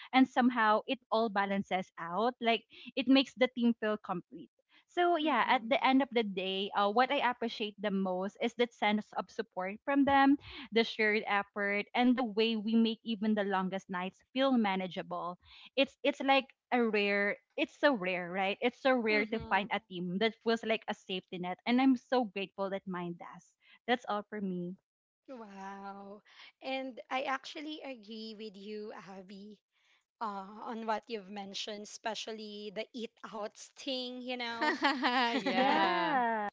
Speaker 3: And somehow it all balances out. Like it makes the team feel complete. So yeah,
Speaker 2: Mm-hmm.
Speaker 3: at the end of the day, what I appreciate the most is that sense of support from them, the shared effort, and the way we make even the longest nights feel manageable. It's like a rare, it's so rare, right? It's so rare to
Speaker 2: Mm-hmm.
Speaker 3: find a team that feels like a safety net, and I'm so grateful that mine does. That's all for me.
Speaker 2: Wow. And I actually agree with you, Abby, on what you've mentioned, especially the eat outs thing, you know. S-
Speaker 1: Yeah.
Speaker 3: Yeah,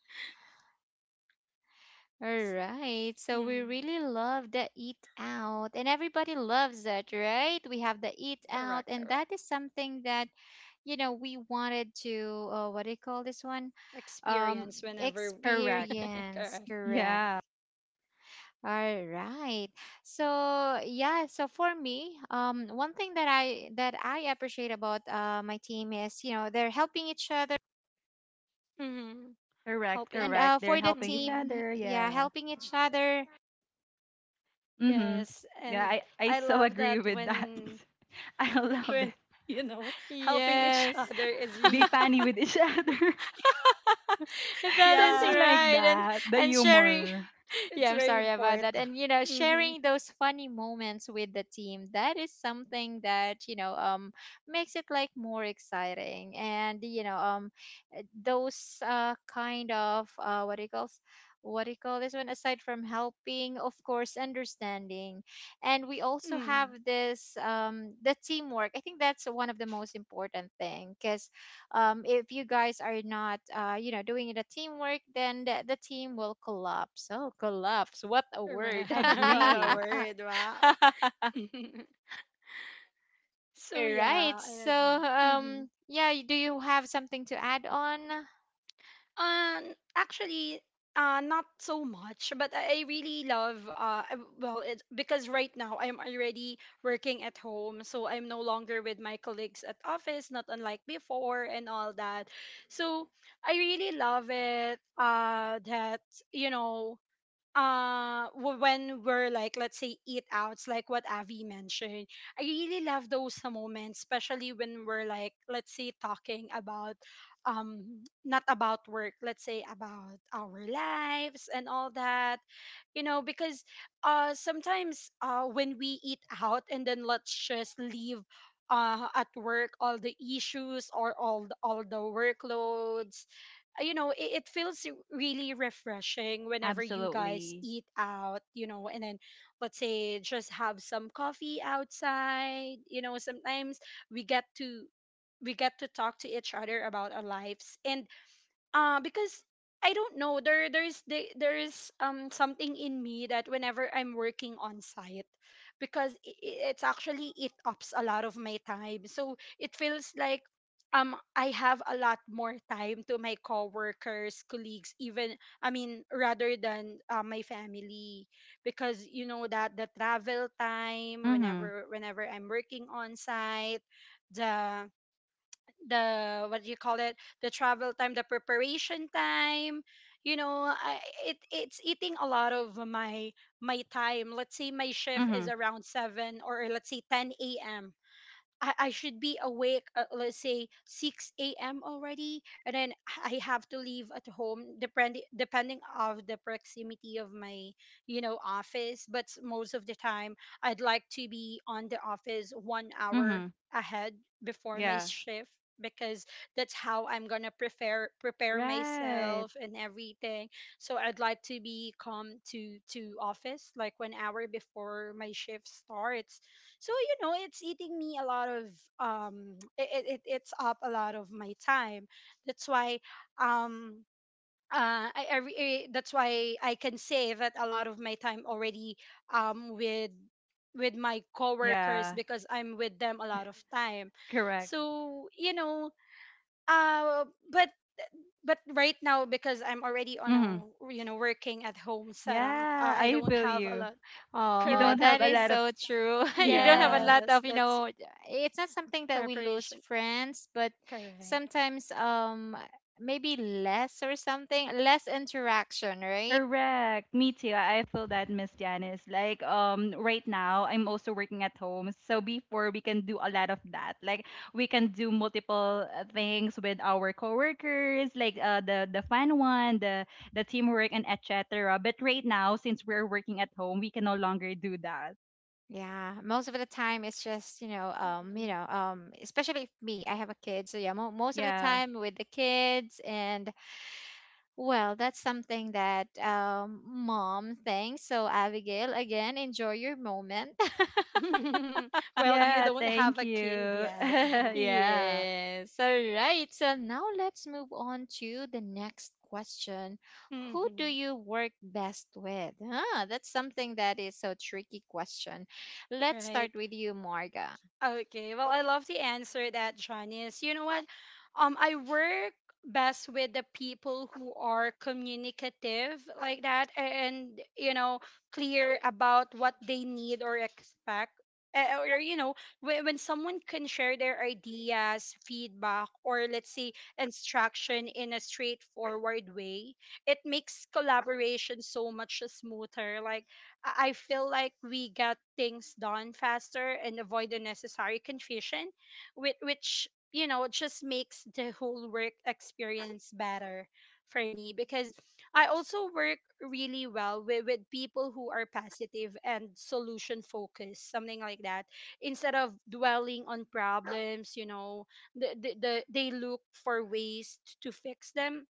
Speaker 1: All right. So we
Speaker 2: mm,
Speaker 1: really love the eat out and everybody loves it, right? We have the eat out
Speaker 2: correct,
Speaker 1: and
Speaker 2: correct.
Speaker 1: that is something that, we wanted to, what do you call this one?
Speaker 2: Experience whenever,
Speaker 3: correct.
Speaker 1: Experience,
Speaker 2: correct.
Speaker 1: correct.
Speaker 3: Yeah,
Speaker 1: All right. So, yeah, so for me, one thing that I appreciate about my team is, they're helping each other.
Speaker 2: Mm-hmm.
Speaker 3: correct,
Speaker 1: And
Speaker 2: Helping.
Speaker 3: correct. They're
Speaker 1: for the
Speaker 3: helping each
Speaker 2: Mm-hmm.
Speaker 1: team,
Speaker 3: other.
Speaker 1: yeah,
Speaker 3: Yeah.
Speaker 1: helping each other.
Speaker 3: Mm-hmm.
Speaker 2: Yes,
Speaker 3: Yeah,
Speaker 2: and
Speaker 3: I
Speaker 2: I
Speaker 3: so
Speaker 2: love
Speaker 3: agree
Speaker 2: that,
Speaker 3: with that.
Speaker 2: when
Speaker 3: I love it.
Speaker 2: when you know, helping each
Speaker 1: Yes.
Speaker 2: other is
Speaker 3: Be
Speaker 2: really
Speaker 3: funny with each other.
Speaker 1: That is
Speaker 2: yeah,
Speaker 3: Something like
Speaker 1: right.
Speaker 3: that. The
Speaker 1: And sharing
Speaker 3: humor.
Speaker 2: it's
Speaker 1: yeah, I'm
Speaker 2: very
Speaker 1: sorry about
Speaker 2: important.
Speaker 1: that. And
Speaker 2: Mhm.
Speaker 1: sharing those funny moments with the team, that is something that, makes it like more exciting. And those kind of what do you call s- what do you call this one, aside from helping, of course, understanding. And we also have
Speaker 2: Mm,
Speaker 1: this the teamwork. I think that's one of the most important thing, because if you guys are not, doing the teamwork, then the team will collapse. Oh, collapse, what a
Speaker 2: right.
Speaker 1: word.
Speaker 2: What a
Speaker 3: Agree.
Speaker 2: word. Wow. So
Speaker 1: All right,
Speaker 2: yeah, I
Speaker 1: so
Speaker 2: agree. Hmm.
Speaker 1: yeah, y- do you have something to add on?
Speaker 2: Um, Actually, not so much, but I really love, well, it, because right now I'm already working at home, so I'm no longer with my colleagues at office, not unlike before and all that. So I really love it. That you know, when we're, like, let's say, eat outs like what Avi mentioned, I really love those moments, especially when we're, like, let's say, talking about not about work, let's say about our lives and all that, you know, because sometimes when we eat out and then let's just leave at work all the issues or all the workloads, you know, it feels really refreshing whenever you guys
Speaker 3: Absolutely.
Speaker 2: eat out, you know, and then let's say just have some coffee outside. You know, sometimes we get to we get to talk to each other about our lives. And because I don't know, there is something in me that whenever I'm working on site, because it's actually it ups a lot of my time, so it feels like I have a lot more time to my coworkers, colleagues even, I mean, rather than my family, because you know that the travel time
Speaker 3: Mm-hmm.
Speaker 2: whenever I'm working on site, the the what do you call it, the travel time, the preparation time, you know I, it it's eating a lot of my time. Let's say my shift is
Speaker 3: Mm-hmm.
Speaker 2: around 7 or, let's say, 10 a.m. I should be awake at, let's say, 6 a.m. already, and then I have to leave at home, depending of the proximity of my, you know, office. But most of the time I'd like to be on the office 1 hour
Speaker 3: Mm-hmm.
Speaker 2: ahead before my
Speaker 3: Yeah.
Speaker 2: shift, because that's how I'm going to prepare
Speaker 3: Right.
Speaker 2: myself and everything. So I'd like to be come to office like 1 hour before my shift starts. So, you know, it's eating me a lot of it's up a lot of my time. That's why um that's why I can say that a lot of my time already, um with with my coworkers,
Speaker 3: Yeah.
Speaker 2: because I'm with them a lot of time.
Speaker 3: Correct.
Speaker 2: So, you know, uh but but right now, because I'm already on
Speaker 3: Mm-hmm.
Speaker 2: a, you know, working at home setup,
Speaker 3: Yeah,
Speaker 2: I
Speaker 3: I
Speaker 2: don't
Speaker 3: feel
Speaker 2: have a
Speaker 3: you.
Speaker 2: lot.
Speaker 3: You
Speaker 1: Oh,
Speaker 3: don't
Speaker 2: Correct.
Speaker 1: that
Speaker 3: have a Oh.
Speaker 1: is
Speaker 3: lot of
Speaker 1: so true. You don't have a
Speaker 3: yeah.
Speaker 1: lot
Speaker 2: Yes,
Speaker 1: of, you
Speaker 2: that's
Speaker 1: know, it's not something that we lose
Speaker 2: preparation.
Speaker 1: friends, but
Speaker 2: Correct.
Speaker 1: sometimes maybe less or something, less interaction, right?
Speaker 3: Correct. Me too. I feel that, Miss Janice. Like, right now I'm also working at home. So before we can do a lot of that. Like we can do multiple, things with our coworkers, like the fun one, the teamwork and etc. But right now, since we're working at home, we can no longer do that.
Speaker 1: Yeah, most of the time it's just,
Speaker 2: Mhm.
Speaker 1: especially if me, I have a kid. So yeah, mo most of the
Speaker 3: Yeah.
Speaker 1: time with the kids. And well, that's something that mom thinks. So Abigail, again, enjoy your moment.
Speaker 2: Well, you
Speaker 3: Yeah,
Speaker 2: don't have
Speaker 3: thank
Speaker 2: a kid
Speaker 3: you.
Speaker 2: yet. Yeah.
Speaker 3: yeah.
Speaker 1: Yes. All right. So now let's move on to the next question. Who do
Speaker 2: Hmm.
Speaker 1: you work best with? Ah, that's something that is so tricky question. Let's
Speaker 2: Right.
Speaker 1: start with you, Marga.
Speaker 2: Okay, well, I love the answer that Janice. You know what? I work best with the people who are communicative like that, and, you know, clear about what they need or expect. Or, you know, when someone can share their ideas, feedback, or, let's say, instruction in a straightforward way, it makes collaboration so much smoother. Like, I feel like we get things done faster and avoid unnecessary confusion, which you know, just makes the whole work experience better for me, because I also work really well with people who are positive and solution focused, something like that. Instead of dwelling on problems, you know, they look for ways to fix them,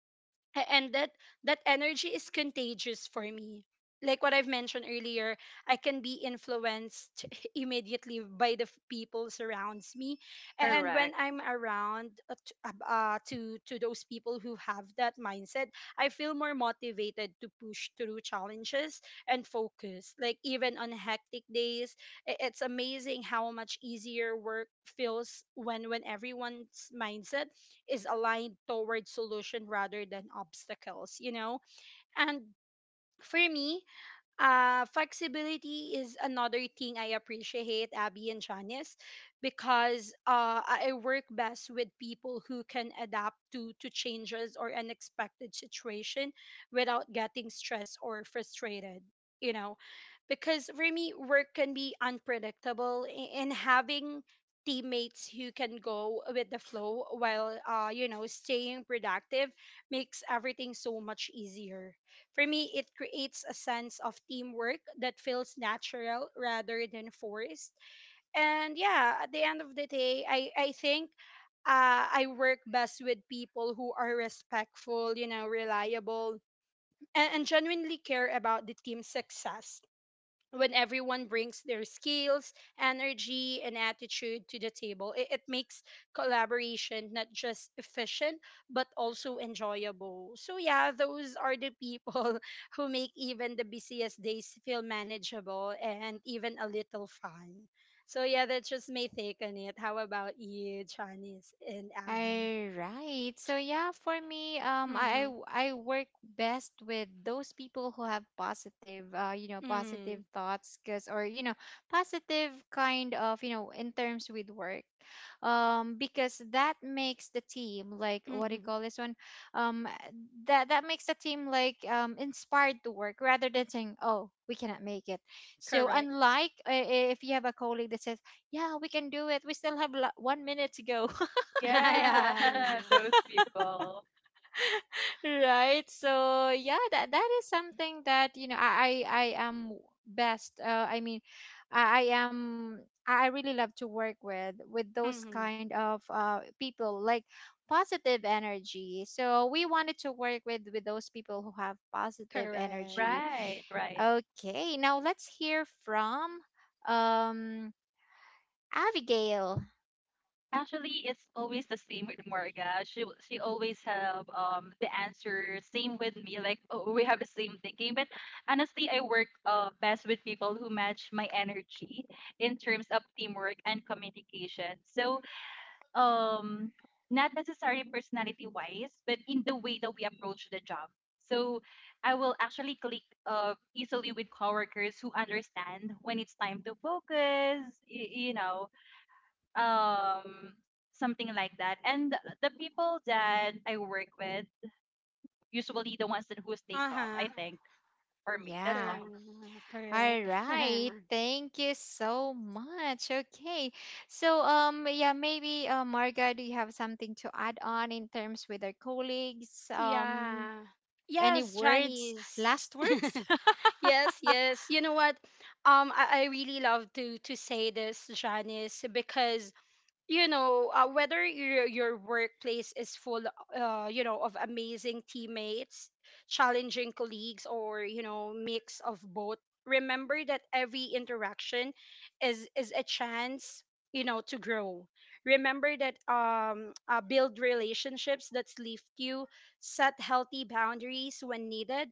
Speaker 2: and that energy is contagious for me, like what I've mentioned earlier. I can be influenced immediately by the people surrounds me. And when
Speaker 3: Correct.
Speaker 2: I'm around, to those people who have that mindset, I feel more motivated to push through challenges and focus, like even on hectic days. I- it's amazing how much easier work feels when everyone's mindset is aligned towards solution rather than obstacles, you know? And for me, flexibility is another thing I appreciate, Abby and Janice, because I work best with people who can adapt to changes or unexpected situation without getting stressed or frustrated. You know, because for me work can be unpredictable, and having teammates who can go with the flow while, you know, staying productive, makes everything so much easier. For me, it creates a sense of teamwork that feels natural rather than forced. And yeah, at the end of the day, I think, I work best with people who are respectful, you know, reliable, and genuinely care about the team's success. When everyone brings their skills, energy, and attitude to the table, it makes collaboration not just efficient, but also enjoyable. So, yeah, those are the people who make even the busiest days feel manageable and even a little fun. So, yeah, that's just my take on it. How about you, Janice and Abby?
Speaker 1: All right. So yeah, for me, I
Speaker 2: Mm-hmm.
Speaker 1: w- I work best with those people who have positive,
Speaker 2: Mm,
Speaker 1: positive thoughts, cause or positive kind of, in terms with work, because that makes the team like what do you
Speaker 2: mm-hmm.
Speaker 1: call this one, um, that that makes the team like inspired to work rather than saying, oh, we cannot make it. So
Speaker 2: Correct.
Speaker 1: unlike if you have a colleague that says, yeah, we can do it, we still have lo- 1 minute to go.
Speaker 2: Yeah, yeah,
Speaker 3: Yeah,
Speaker 2: yeah.
Speaker 3: those people.
Speaker 1: Right. So yeah, that that is something that I am best. I mean, I am, I really love to work with those
Speaker 2: Mm-hmm.
Speaker 1: kind of people like positive energy. So we wanted to work with those people who have positive
Speaker 2: Correct.
Speaker 1: energy.
Speaker 3: Right, right.
Speaker 1: Okay, now let's hear from um Abigail.
Speaker 3: Actually, it's always the same with Morga. She always have, um, the answer. Same with me. Like oh, we have the same thinking. But honestly, I work best with people who match my energy in terms of teamwork and communication. So, um not necessarily personality wise, but in the way that we approach the job. So I will actually click easily with coworkers who understand when it's time to focus. You know, um, something like that, and the people that I work with, usually the ones that who stay calm, I
Speaker 2: Uh-huh.
Speaker 3: think. For me, that's
Speaker 1: Yeah.
Speaker 3: all.
Speaker 2: Correct. Correct.
Speaker 1: All right, thank you so much. Okay, so yeah, maybe Marga, do you have something to add on in terms with our colleagues?
Speaker 2: Yeah.
Speaker 1: Any
Speaker 2: Yes,
Speaker 1: words,
Speaker 2: Chinese.
Speaker 1: last words?
Speaker 2: Yes, yes. You know what? I really love to say this, Janice, because, you know, whether your workplace is full, you know, of amazing teammates, challenging colleagues, or, you know, mix of both, remember that every interaction is a chance, you know, to grow. Remember that, build relationships that lift you, set healthy boundaries when needed,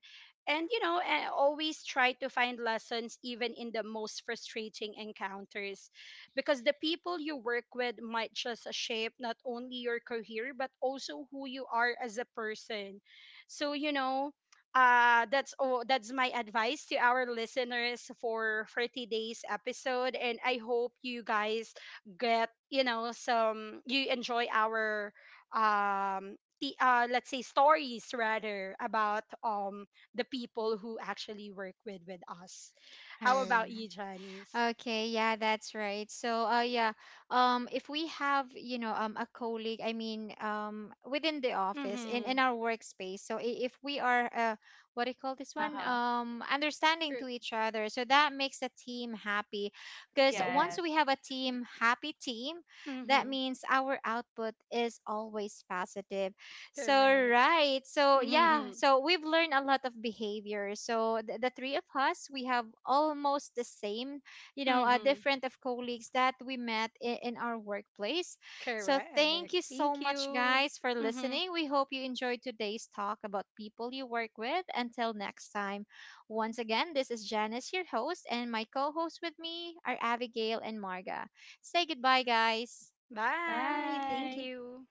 Speaker 2: and, you know, always try to find lessons even in the most frustrating encounters, because the people you work with might just shape not only your career but also who you are as a person. So, you know, that's all, that's my advice to our listeners for today's episode, and I hope you guys get, you know, some, you enjoy our um the let's say stories, rather, about the people who actually work with us. How
Speaker 1: All.
Speaker 2: about you, Janice?
Speaker 1: Okay, yeah, that's right. So, yeah, if we have, a colleague, I mean, within the office,
Speaker 2: Mm-hmm.
Speaker 1: in our workspace. So, I- if we are, what do you call this one?
Speaker 3: Uh-huh.
Speaker 1: Understanding to each other, so that makes a team happy. Because once
Speaker 3: Yes.
Speaker 1: we have a team happy team, that
Speaker 2: Mm-hmm.
Speaker 1: means our output is always positive. So,
Speaker 2: Correct.
Speaker 1: right. So, yeah.
Speaker 2: Mm-hmm.
Speaker 1: So we've learned a lot of behavior. So the three of us, we have almost the same, you know,
Speaker 2: Mm-hmm.
Speaker 1: different of colleagues that we met in our workplace. So
Speaker 2: Correct.
Speaker 1: thank you so
Speaker 2: Thank
Speaker 1: much,
Speaker 2: you.
Speaker 1: guys, for
Speaker 2: Mm-hmm.
Speaker 1: listening. We hope you enjoyed today's talk about people you work with. Until next time, once again, this is Janice, your host, and my co host with me are Abigail and Marga. Say goodbye, guys.
Speaker 2: Bye. Thank
Speaker 3: Bye.
Speaker 2: you.